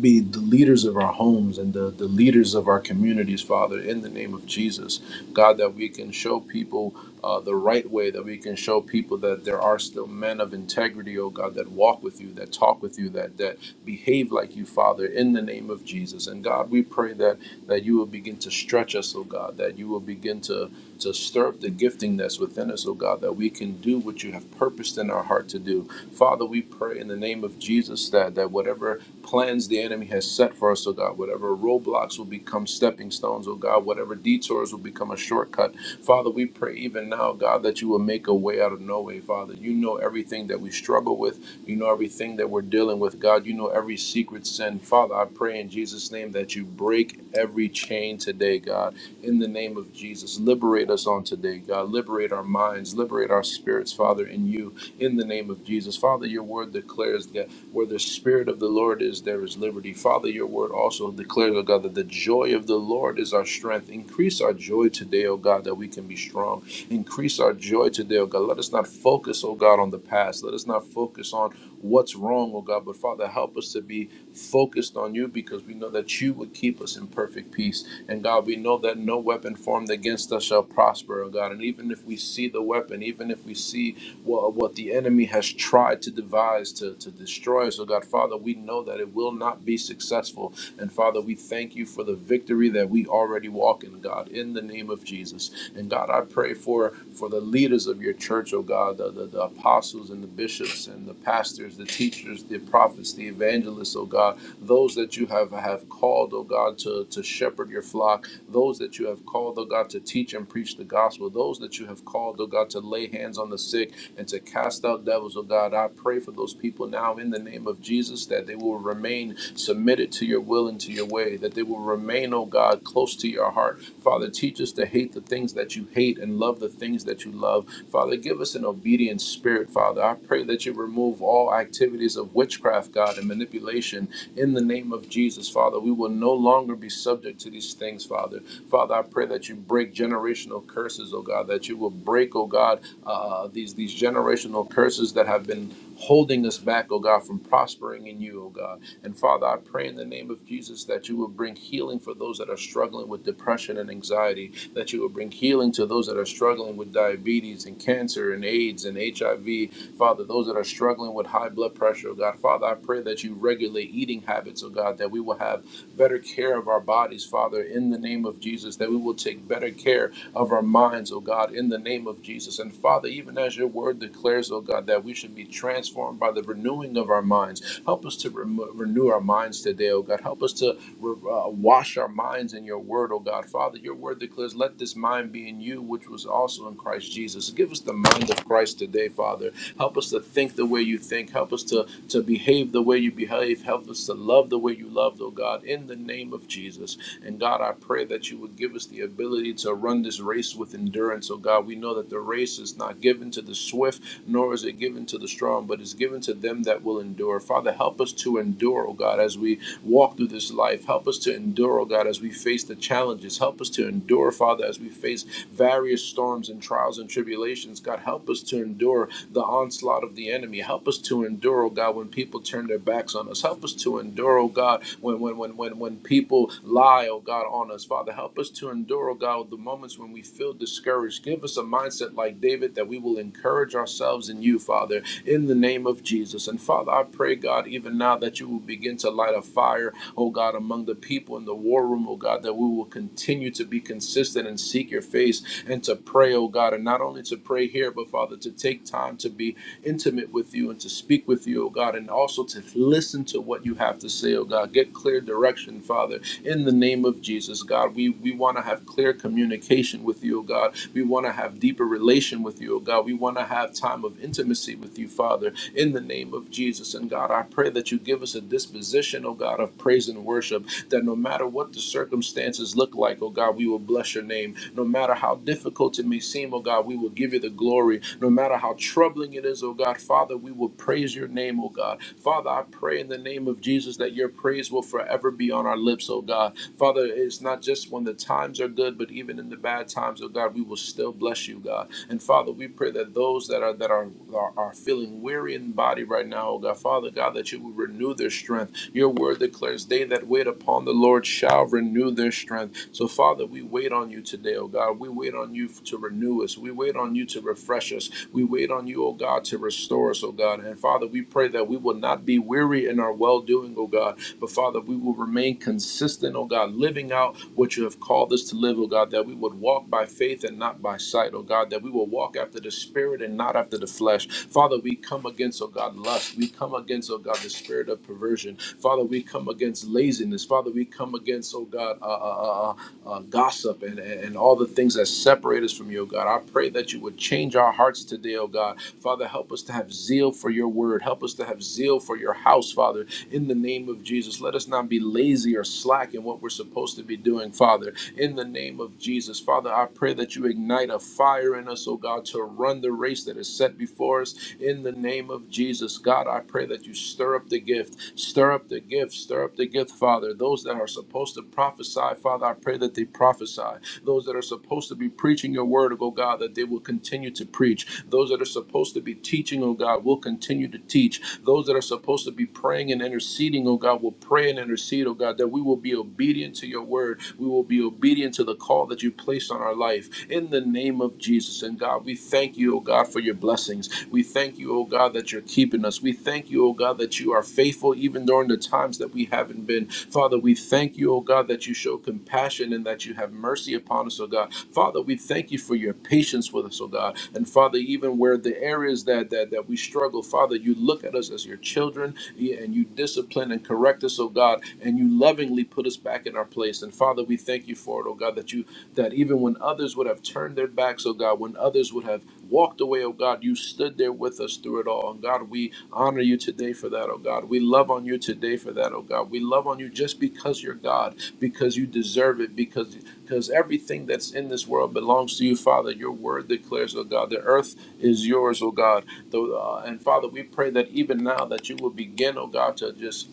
Speaker 3: be the leaders of our homes and the, the leaders of our communities, Father, in the name of Jesus. God, that we can show people uh, the right way, that we can show people that there are still men of integrity, oh God, that walk with you, that talk with you, that, that behave like you, Father, in the name of Jesus. And God, we pray that, that you will begin to stretch us, oh God, that you will begin to, to stir up the gifting that's within us, oh God, that we can do what you have purposed in our heart to do. Father, we pray in the name of Jesus that, that whatever plans the enemy has set for us, oh God. Whatever roadblocks will become stepping stones, oh God. Whatever detours will become a shortcut. Father, we pray even now, God, that you will make a way out of no way, Father. You know everything that we struggle with. You know everything that we're dealing with, God. You know every secret sin. Father, I pray in Jesus' name that you break every chain today, God. In the name of Jesus, liberate us on today, God. Liberate our minds, liberate our spirits, Father, in you. In the name of Jesus. Father, your word declares that. Where the Spirit of the Lord is, there is liberty. Father, your word also declares, O God, that the joy of the Lord is our strength. Increase our joy today, O God, that we can be strong. Increase our joy today, O God. Let us not focus, O God, on the past. Let us not focus on what's wrong, O God. But Father, help us to be focused on you because we know that you would keep us in perfect peace. And God, we know that no weapon formed against us shall prosper, O God. And even if we see the weapon, even if we see what, what the enemy has tried to devise to, to destroy us. So, God, Father, we know that it will not be successful. And, Father, we thank you for the victory that we already walk in, God, in the name of Jesus. And, God, I pray for, for the leaders of your church, oh God, the, the, the apostles and the bishops and the pastors, the teachers, the prophets, the evangelists, oh God, those that you have, have called, oh God, to, to shepherd your flock, those that you have called, oh God, to teach and preach the gospel, those that you have called, oh God, to lay hands on the sick and to cast out devils, oh God. I pray for those people now in the name of Jesus that they will remain submitted to your will and to your way, that they will remain, oh God, close to your heart. Father, teach us to hate the things that you hate and love the things that you love. Father, give us an obedient spirit, Father. I pray that you remove all activities of witchcraft, God, and manipulation in the name of Jesus, Father. We will no longer be subject to these things, Father. Father, I pray that you break generational curses, oh God, that you will break, oh God, uh, these, these generational curses that have been holding us back, oh God, from prospering in you, oh God. And Father, I pray in the in the name of Jesus that you will bring healing for those that are struggling with depression and anxiety, that you will bring healing to those that are struggling with diabetes and cancer and AIDS and HIV. Father, those that are struggling with high blood pressure, oh God, Father, I pray that you regulate eating habits, oh God, that we will have better care of our bodies, Father, in the name of Jesus, that we will take better care of our minds, oh God, in the name of Jesus. And Father, even as your word declares, oh God, that we should be transformed by the renewing of our minds. Help us to remo- renew our minds today, oh God. Help us to re- uh, wash our minds in your word, oh God. Father, your word declares, let this mind be in you, which was also in Christ Jesus. Give us the mind of Christ today, Father Help us to think the way you think. Help us to, to behave the way you behave. Help us to love the way you love, oh God, in the name of Jesus. And God, I pray that you would give us the ability to run this race with endurance. Oh God, we know that the race is not given to the swift, nor is it given to the strong, but is given to them that will endure. Father, help us to endure, oh God, as we walk through this life. Help us to endure, oh God, as we face the challenges. Help us to endure, Father, as we face various storms and trials and tribulations. God, help us to endure the onslaught of the enemy. Help us to endure, oh God, when people turn their backs on us. Help Help us to endure, oh God, when when when when when people lie, oh God, on us. Father, help us to endure, oh God, the moments when we feel discouraged. Give us a mindset like David that we will encourage ourselves in you, Father, in the name of Jesus. And Father, I pray, God, even now that you will begin to light a fire, oh God, among the people in the war room, oh God, that we will continue to be consistent and seek your face and to pray, oh God, and not only to pray here, but Father, to take time to be intimate intimate with you and to speak with you, oh God, and also to listen to what you have to say, oh God. Get clear direction, Father, in the name of Jesus, God. We we want to have clear communication with you, oh God. We want to have deeper relation with you, oh God. We want to have time of intimacy with you, Father, in the name of Jesus. And God, I pray that you give us a disposition, oh God, of praise and worship, that no matter what the circumstances look like, oh God, we will bless your name. No matter how difficult it may seem, name, oh God. We will give you the glory. No matter how troubling it is, oh God, Father, we will praise your name, oh God. Father, I pray in the name of Jesus that your praise will forever be on our lips, oh God. Father, it's not just when the times are good, but even in the bad times, oh God, we will still bless you, God. And Father, we pray that those that are that are are, are feeling weary in body right now, oh God, Father God, that you will renew their strength. Your word declares, "They that wait upon the Lord shall renew their strength." So, Father, we wait on you today, oh God. We wait on you to renew us. We wait on you to refresh us. We wait on you, oh God, to restore us, oh God. And Father, we pray that we will not be weary in our well doing, oh God. But Father, we will remain consistent, oh God, living out what you have called us to live, oh God, that we would walk by faith and not by sight, oh God, that we will walk after the Spirit and not after the flesh. Father, we come against, oh God, lust. We come against, oh God, the spirit of perversion. Father, we come against laziness. Father, we come against, oh God, uh, uh, uh, uh, uh, gossip and, and and all the things that separate us from you, oh God. I pray that you would change our hearts today, oh God. Father, help us to have zeal for your word. Help us to have zeal for your house, Father, in the name of Jesus. Let us not be lazy or slack in what we're supposed to be doing, Father, in the name of Jesus. Father, I pray that you ignite a fire in us, oh God, to run the race that is set before us in the name of Jesus. Jesus. God, I pray that you stir up the gift, stir up the gift, stir up the gift, Father. Those that are supposed to prophesy, Father, I pray that they prophesy. Those that are supposed to be preaching your word, oh God, that they will continue to preach. Those that are supposed to be teaching, oh God, will continue to teach. Those that are supposed to be praying and interceding, oh God, will pray and intercede, oh God, that we will be obedient to your word. We will be obedient to the call that you placed on our life in the name of Jesus. And God, we we thank you, O God, for your blessings. We thank you, O God, that you're keeping us. We thank you, O God, that you are faithful even during the times that we haven't been. Father, we thank you, O God, that you show compassion and that you have mercy upon us, O God. Father, we thank you for your patience with us, O God. And Father, even where the areas that that, that we struggle, Father, you look at us as your children and you discipline and correct us, O God, and you lovingly put us back in our place. And Father, we thank you for it, O God, that you that even when others would have turned their backs, oh God, when others would have walked away, oh God, you stood there with us through it all. And God, we honor you today for that, oh God. We love on you today for that, oh God. We love on you just because you're God, because you deserve it, because because everything that's in this world belongs to you, Father. Your word declares, oh God, the earth is yours, oh God. The, uh, and Father, we pray that even now that you will begin, oh God, to just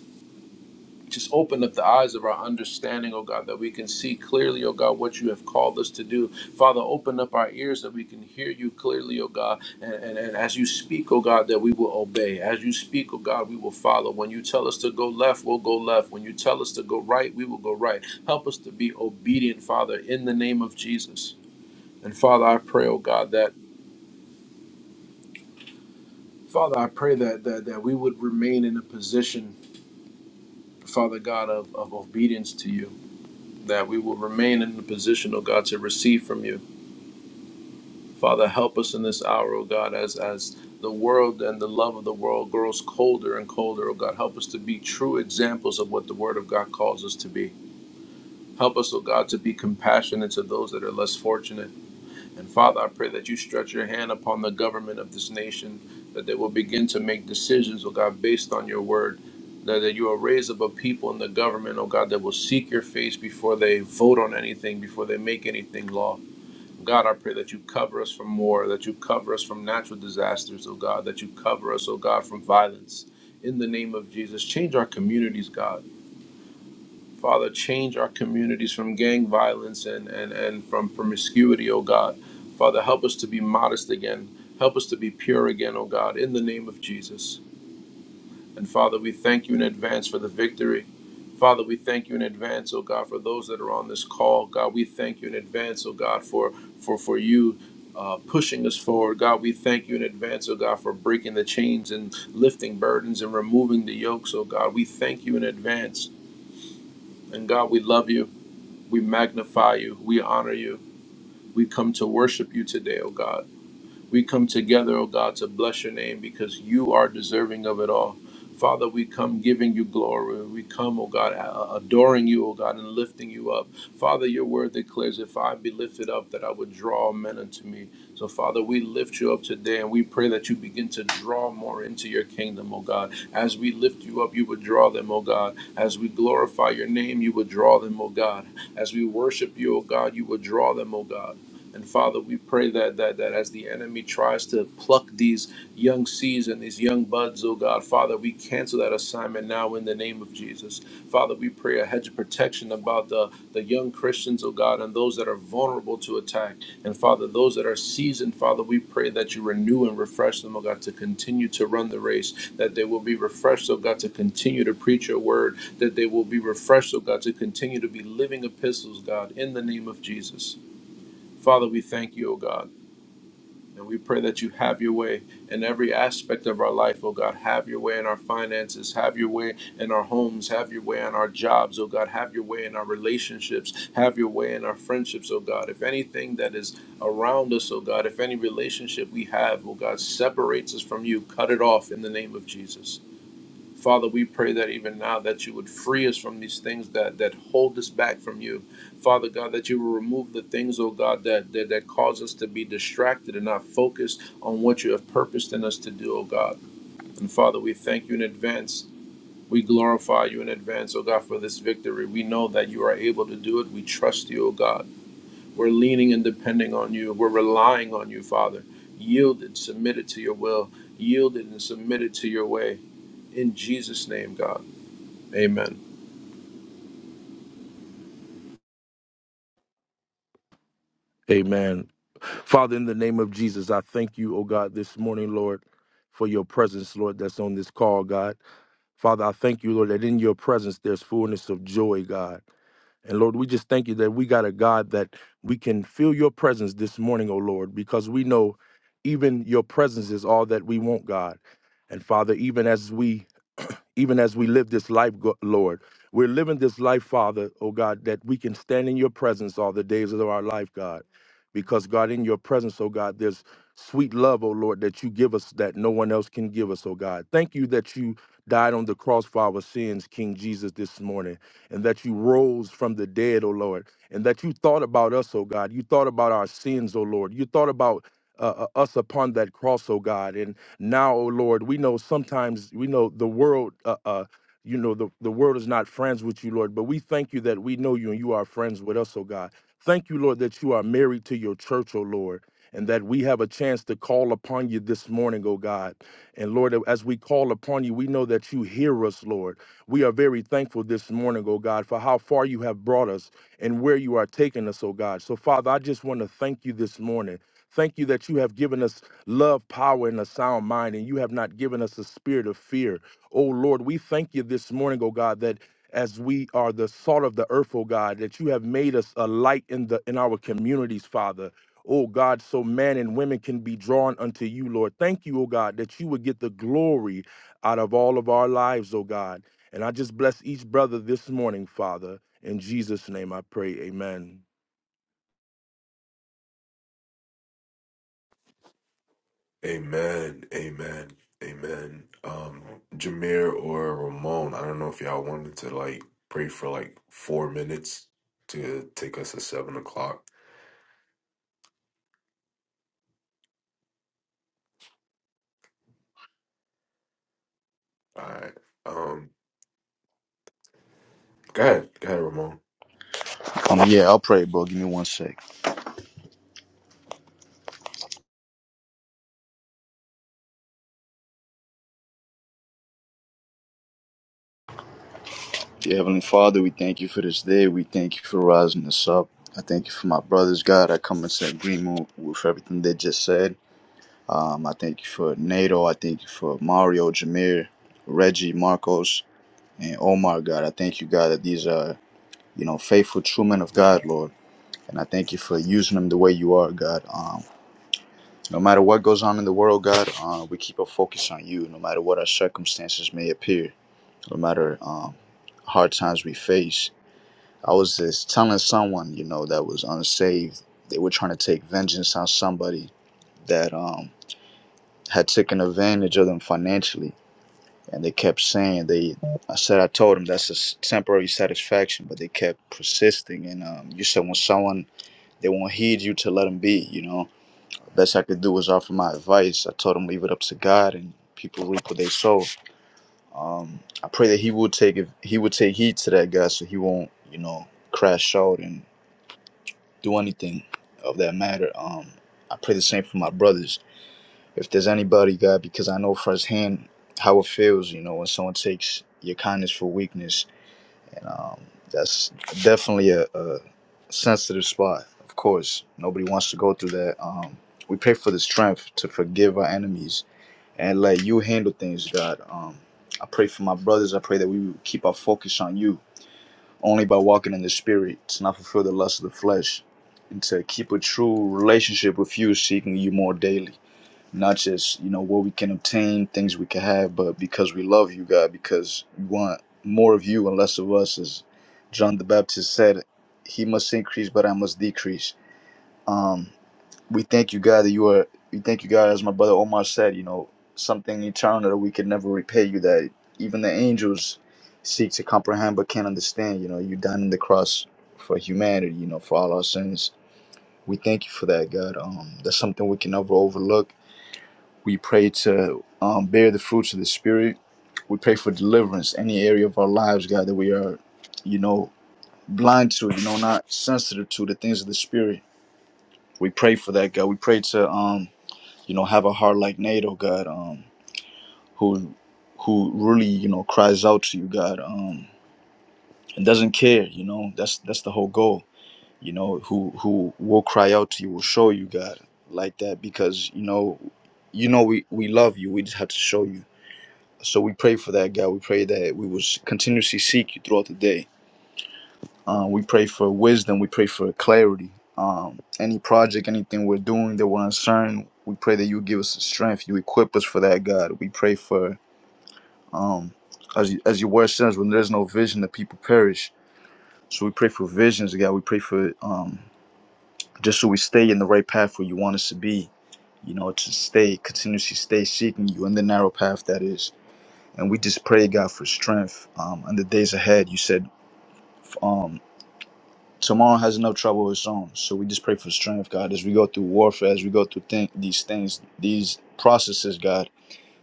Speaker 3: just open up the eyes of our understanding, oh God, that we can see clearly, oh God, what you have called us to do. Father, open up our ears that we can hear you clearly, oh God. And, and, and as you speak, oh God, that we will obey. As you speak, oh God, we will follow. When you tell us to go left, we'll go left. When you tell us to go right, we will go right. Help us to be obedient, Father, in the name of Jesus. And Father, I pray, oh God, that Father, I pray that that, that we would remain in a position, Father God, of, of obedience to you. that we will remain in the position, oh God, to receive from you. Father, help us in this hour, oh God, as as the world and the love of the world grows colder and colder, oh God. Help us to be true examples of what the Word of God calls us to be. Help us, oh God, to be compassionate to those that are less fortunate. And Father, I pray that you stretch your hand upon the government of this nation, that they will begin to make decisions, oh God, based on your word. That, that you will raise up a people in the government, oh God, that will seek your face before they vote on anything, before they make anything law. God, I pray that you cover us from war, that you cover us from natural disasters, oh God, that you cover us, oh God, from violence. In the name of Jesus, change our communities, God. Father, change our communities from gang violence and, and, and from promiscuity, oh God. Father, help us to be modest again. Help us to be pure again, oh God, in the name of Jesus. And Father, we thank you in advance for the victory. Father, we thank you in advance, oh God, for those that are on this call. God, we thank you in advance, oh God, for for for you uh, pushing us forward. God, we thank you in advance, oh God, for breaking the chains and lifting burdens and removing the yokes, oh God. We thank you in advance. And God, we love you. We magnify you. We honor you. We come to worship you today, O God. We come together, oh God, to bless your name because you are deserving of it all. Father, we come giving you glory. We come, oh God, a- adoring you, oh God, and lifting you up. Father, your word declares, if I be lifted up, that I would draw men unto me. So, Father, we lift you up today and we pray that you begin to draw more into your kingdom, oh God. As we lift you up, you would draw them, oh God. As we glorify your name, you would draw them, oh God. As we worship you, oh God, you would draw them, oh God. And Father, we pray that that that as the enemy tries to pluck these young seeds and these young buds, oh God, Father, we cancel that assignment now in the name of Jesus. Father, we pray a hedge of protection about the, the young Christians, oh God, and those that are vulnerable to attack. And Father, those that are seasoned, Father, we pray that you renew and refresh them, oh God, to continue to run the race, that they will be refreshed, oh God, to continue to preach your word, that they will be refreshed, oh God, to continue to be living epistles, God, in the name of Jesus. Father, we thank you, O God, and we pray that you have your way in every aspect of our life, O God. Have your way in our finances, have your way in our homes, have your way in our jobs, O God. Have your way in our relationships, have your way in our friendships, O God. If anything that is around us, O God, if any relationship we have, O God, separates us from you, cut it off in the name of Jesus. Father, we pray that even now that you would free us from these things that, that hold us back from you. Father God, that you will remove the things, oh God, that, that, that cause us to be distracted and not focused on what you have purposed in us to do, oh God. And Father, we thank you in advance. We glorify you in advance, oh God, for this victory. We know that you are able to do it. We trust you, oh God. We're leaning and depending on you. We're relying on you, Father. Yielded, submitted to your will, yielded and submitted to your way. In Jesus' name, God. Amen.
Speaker 4: Amen. Father, in the name of Jesus, I thank you, oh God, this morning, Lord, for your presence, Lord, that's on this call, God. Father, I thank you, Lord, that in your presence there's fullness of joy, God. And Lord, we just thank you that we got a God that we can feel your presence this morning, oh Lord, because we know even your presence is all that we want, God. And Father, even as we even as we live this life, Go- Lord. We're living this life, Father, oh God, that we can stand in your presence all the days of our life, God. Because, God, in your presence, oh God, there's sweet love, oh Lord, that you give us that no one else can give us, oh God. Thank you that you died on the cross for our sins, King Jesus, this morning, and that you rose from the dead, oh Lord, and that you thought about us, oh God. You thought about our sins, oh Lord. You thought about uh, uh, us upon that cross, oh God. And now, O Lord, we know sometimes we know the world. Uh, uh, you know the, the world is not friends with you, Lord, but we thank you that we know you and you are friends with us, O God. Thank you, Lord, that you are married to your church, O Lord, and that we have a chance to call upon you this morning, O God. And Lord, as we call upon you, we know that you hear us, Lord. We are very thankful this morning, O God, for how far you have brought us and where you are taking us, O God. So, Father, I just want to thank you this morning. Thank you that you have given us love, power, and a sound mind, and you have not given us a spirit of fear. Oh Lord, we thank you this morning, oh God, that as we are the salt of the earth, oh God, that you have made us a light in the in our communities, Father. Oh God, so men and women can be drawn unto you, Lord. Thank you, oh God, that you would get the glory out of all of our lives, oh God. And I just bless each brother this morning, Father. In Jesus' name I pray, amen.
Speaker 1: Amen. Amen. Amen. Um, Jameer or Ramon, I don't know if y'all wanted to like pray for like four minutes to take us to seven o'clock. All right. Um, Go ahead. Go ahead, Ramon.
Speaker 5: Um, yeah, I'll pray, bro. Give me one sec. Dear Heavenly Father, we thank you for this day. We thank you for rising us up. I thank you for my brothers, God. I come into agreement with everything they just said. Um, I thank you for NATO. I thank you for Mario, Jameer, Reggie, Marcos, and Omar, God. I thank you, God, that these are, you know, faithful, true men of God, Lord. And I thank you for using them the way you are, God. Um, no matter what goes on in the world, God, uh, we keep our focus on you, no matter what our circumstances may appear. no matter um, hard times we face. I was just telling someone, you know, that was unsaved. They were trying to take vengeance on somebody that um, had taken advantage of them financially, and they kept saying they. I said I told them that's a s- temporary satisfaction, but they kept persisting. And um, you said when someone they won't heed you to let them be, you know. Best I could do was offer my advice. I told them leave it up to God, and people reap what they sow. Um, I pray that he will take if he will take heed to that guy, so he won't, you know, crash out and do anything of that matter. Um, I pray the same for my brothers. If there's anybody, God, because I know firsthand how it feels, you know, when someone takes your kindness for weakness, and um, that's definitely a, a sensitive spot. Of course, nobody wants to go through that. Um, we pray for the strength to forgive our enemies and let you handle things, God. Um, I pray for my brothers. I pray that we will keep our focus on you, only by walking in the Spirit, to not fulfill the lust of the flesh, and to keep a true relationship with you, seeking you more daily. Not just you know what we can obtain, things we can have, but because we love you, God, because we want more of you and less of us, as John the Baptist said, "He must increase, but I must decrease." Um, we thank you, God, that you are. We thank you, God, as my brother Omar said. You know, something eternal that we could never repay you. That even the angels seek to comprehend but can't understand. You know, you died on the cross for humanity. You know, for all our sins. We thank you for that, God. Um, that's something we can never overlook. We pray to um, bear the fruits of the Spirit. We pray for deliverance, any area of our lives, God, that we are, you know, blind to, you know, not sensitive to the things of the Spirit. We pray for that, God. We pray to um, you know have a heart like nato god um who who really you know cries out to you god um and doesn't care you know that's that's the whole goal you know who who will cry out to you will show you god like that because you know you know we we love you we just have to show you so we pray for that god we pray that we will s- continuously seek you throughout the day Uh, we pray for wisdom. We pray for clarity. Um, any project, anything we're doing that we're uncertain, we pray that you give us the strength. You equip us for that, God. We pray for, um, as, you, as your word says, when there's no vision, the people perish. So we pray for visions, God. We pray for um, just so we stay in the right path where you want us to be, you know, to stay, continuously stay seeking you in the narrow path that is. And we just pray, God, for strength um, in the days ahead. You said, um, Tomorrow has enough trouble of its own. So we just pray for strength, God, as we go through warfare, as we go through thi- these things, these processes, God,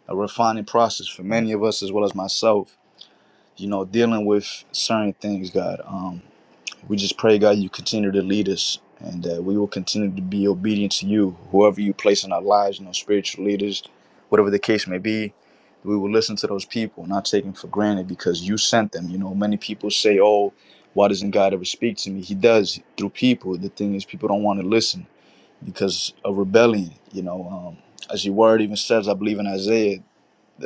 Speaker 5: a refining process for many of us as well as myself, you know, dealing with certain things, God. Um, we just pray, God, you continue to lead us and that we will continue to be obedient to you, whoever you place in our lives, you know, spiritual leaders, whatever the case may be. We will listen to those people, not take them for granted because you sent them. You know, many people say, oh, why doesn't God ever speak to me? He does through people. The thing is, people don't want to listen because of rebellion. You know, um, as your word even says, I believe in Isaiah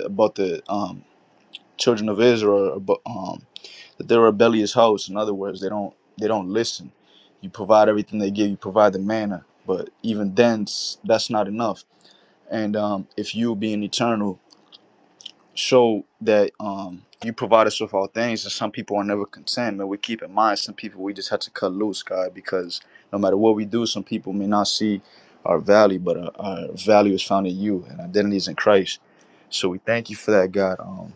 Speaker 5: about the um, children of Israel, abo- um, but they're rebellious hosts. In other words, they don't they don't listen. You provide everything they give. You provide the manna, but even then, s- that's not enough. And um, if you being eternal show that um, you provide us with all things, and some people are never content. Man, we keep in mind some people we just have to cut loose, God, because no matter what we do, some people may not see our value, but our, our value is found in you and identity is in Christ. So we thank you for that, God. Um,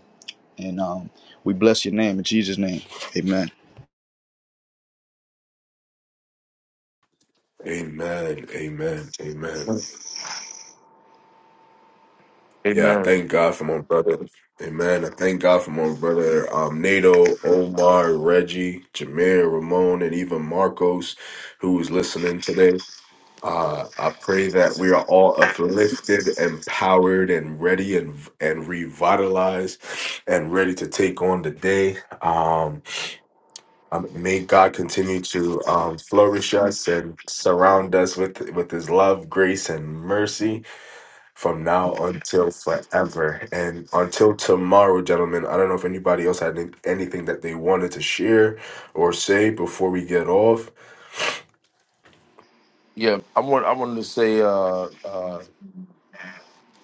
Speaker 5: and um, we bless your name in Jesus' name. Amen.
Speaker 1: Amen. Amen. Amen. Yeah, I
Speaker 4: Amen.
Speaker 1: thank God for my brother. Amen. I thank God for my brother um, Nato, Omar, Reggie, Jameer, Ramon, and even Marcos, who is listening today. Uh, I pray that we are all uplifted, empowered, and ready and and revitalized and ready to take on the day. Um, Um, may God continue to um, flourish us and surround us with with His love, grace, and mercy from now until forever and until tomorrow, gentlemen. I don't know if anybody else had any- anything that they wanted to share or say before we get off.
Speaker 4: Yeah, I want I wanted to say uh, uh,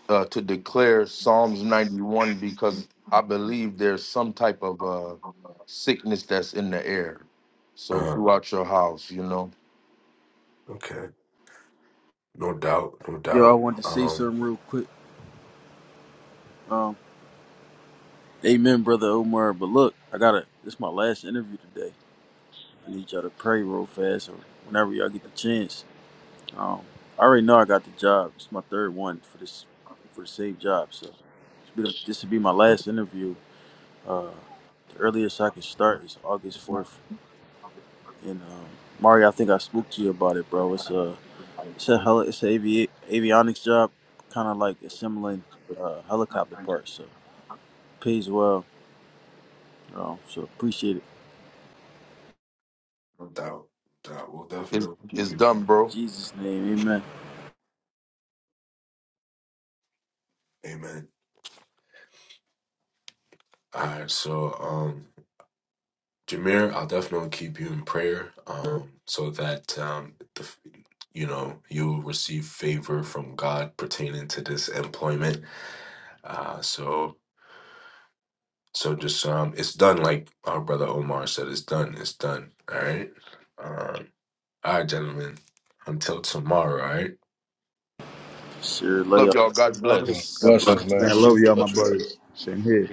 Speaker 4: uh, to declare Psalms 91 because I believe there's some type of uh, sickness that's in the air. So
Speaker 1: Uh,
Speaker 4: throughout your house, you know,
Speaker 1: okay, no doubt, no
Speaker 6: Yo, I
Speaker 1: doubt,
Speaker 6: wanted to say
Speaker 1: um,
Speaker 6: something real quick. Um, amen, brother Omar. But look, I gotta. This is my last interview today. I need y'all to pray real fast, or whenever y'all get the chance. Um, I already know I got the job. It's my third one for this, for the same job. So this will be, the- this will be my last interview. Uh, the earliest I can start is August fourth. And um, Mario, I think I spoke to you about it, bro. It's a, it's a heli- it's a avi- avionics job, kind of like assembling uh, helicopter parts. So pays well Um, so appreciate it.
Speaker 1: no doubt, doubt. We'll
Speaker 4: it's,
Speaker 1: definitely keep
Speaker 4: it's
Speaker 1: it.
Speaker 4: done,
Speaker 6: In
Speaker 4: bro.
Speaker 6: Jesus' name, amen.
Speaker 1: Amen. All right, so um. Jameer, I'll definitely keep you in prayer um, so that um, the, you know you'll receive favor from God pertaining to this employment. Uh, so so just um, it's done like our brother Omar said. It's done. It's done. All right. Um, all right, gentlemen. Until tomorrow. All right.
Speaker 6: Sure, lay
Speaker 4: Love
Speaker 6: up.
Speaker 4: y'all. God bless.
Speaker 6: God bless.
Speaker 3: Blessings,
Speaker 5: Man,
Speaker 3: man.
Speaker 5: I love y'all, my
Speaker 3: Bless you
Speaker 5: brother.
Speaker 3: guys.
Speaker 5: Same here.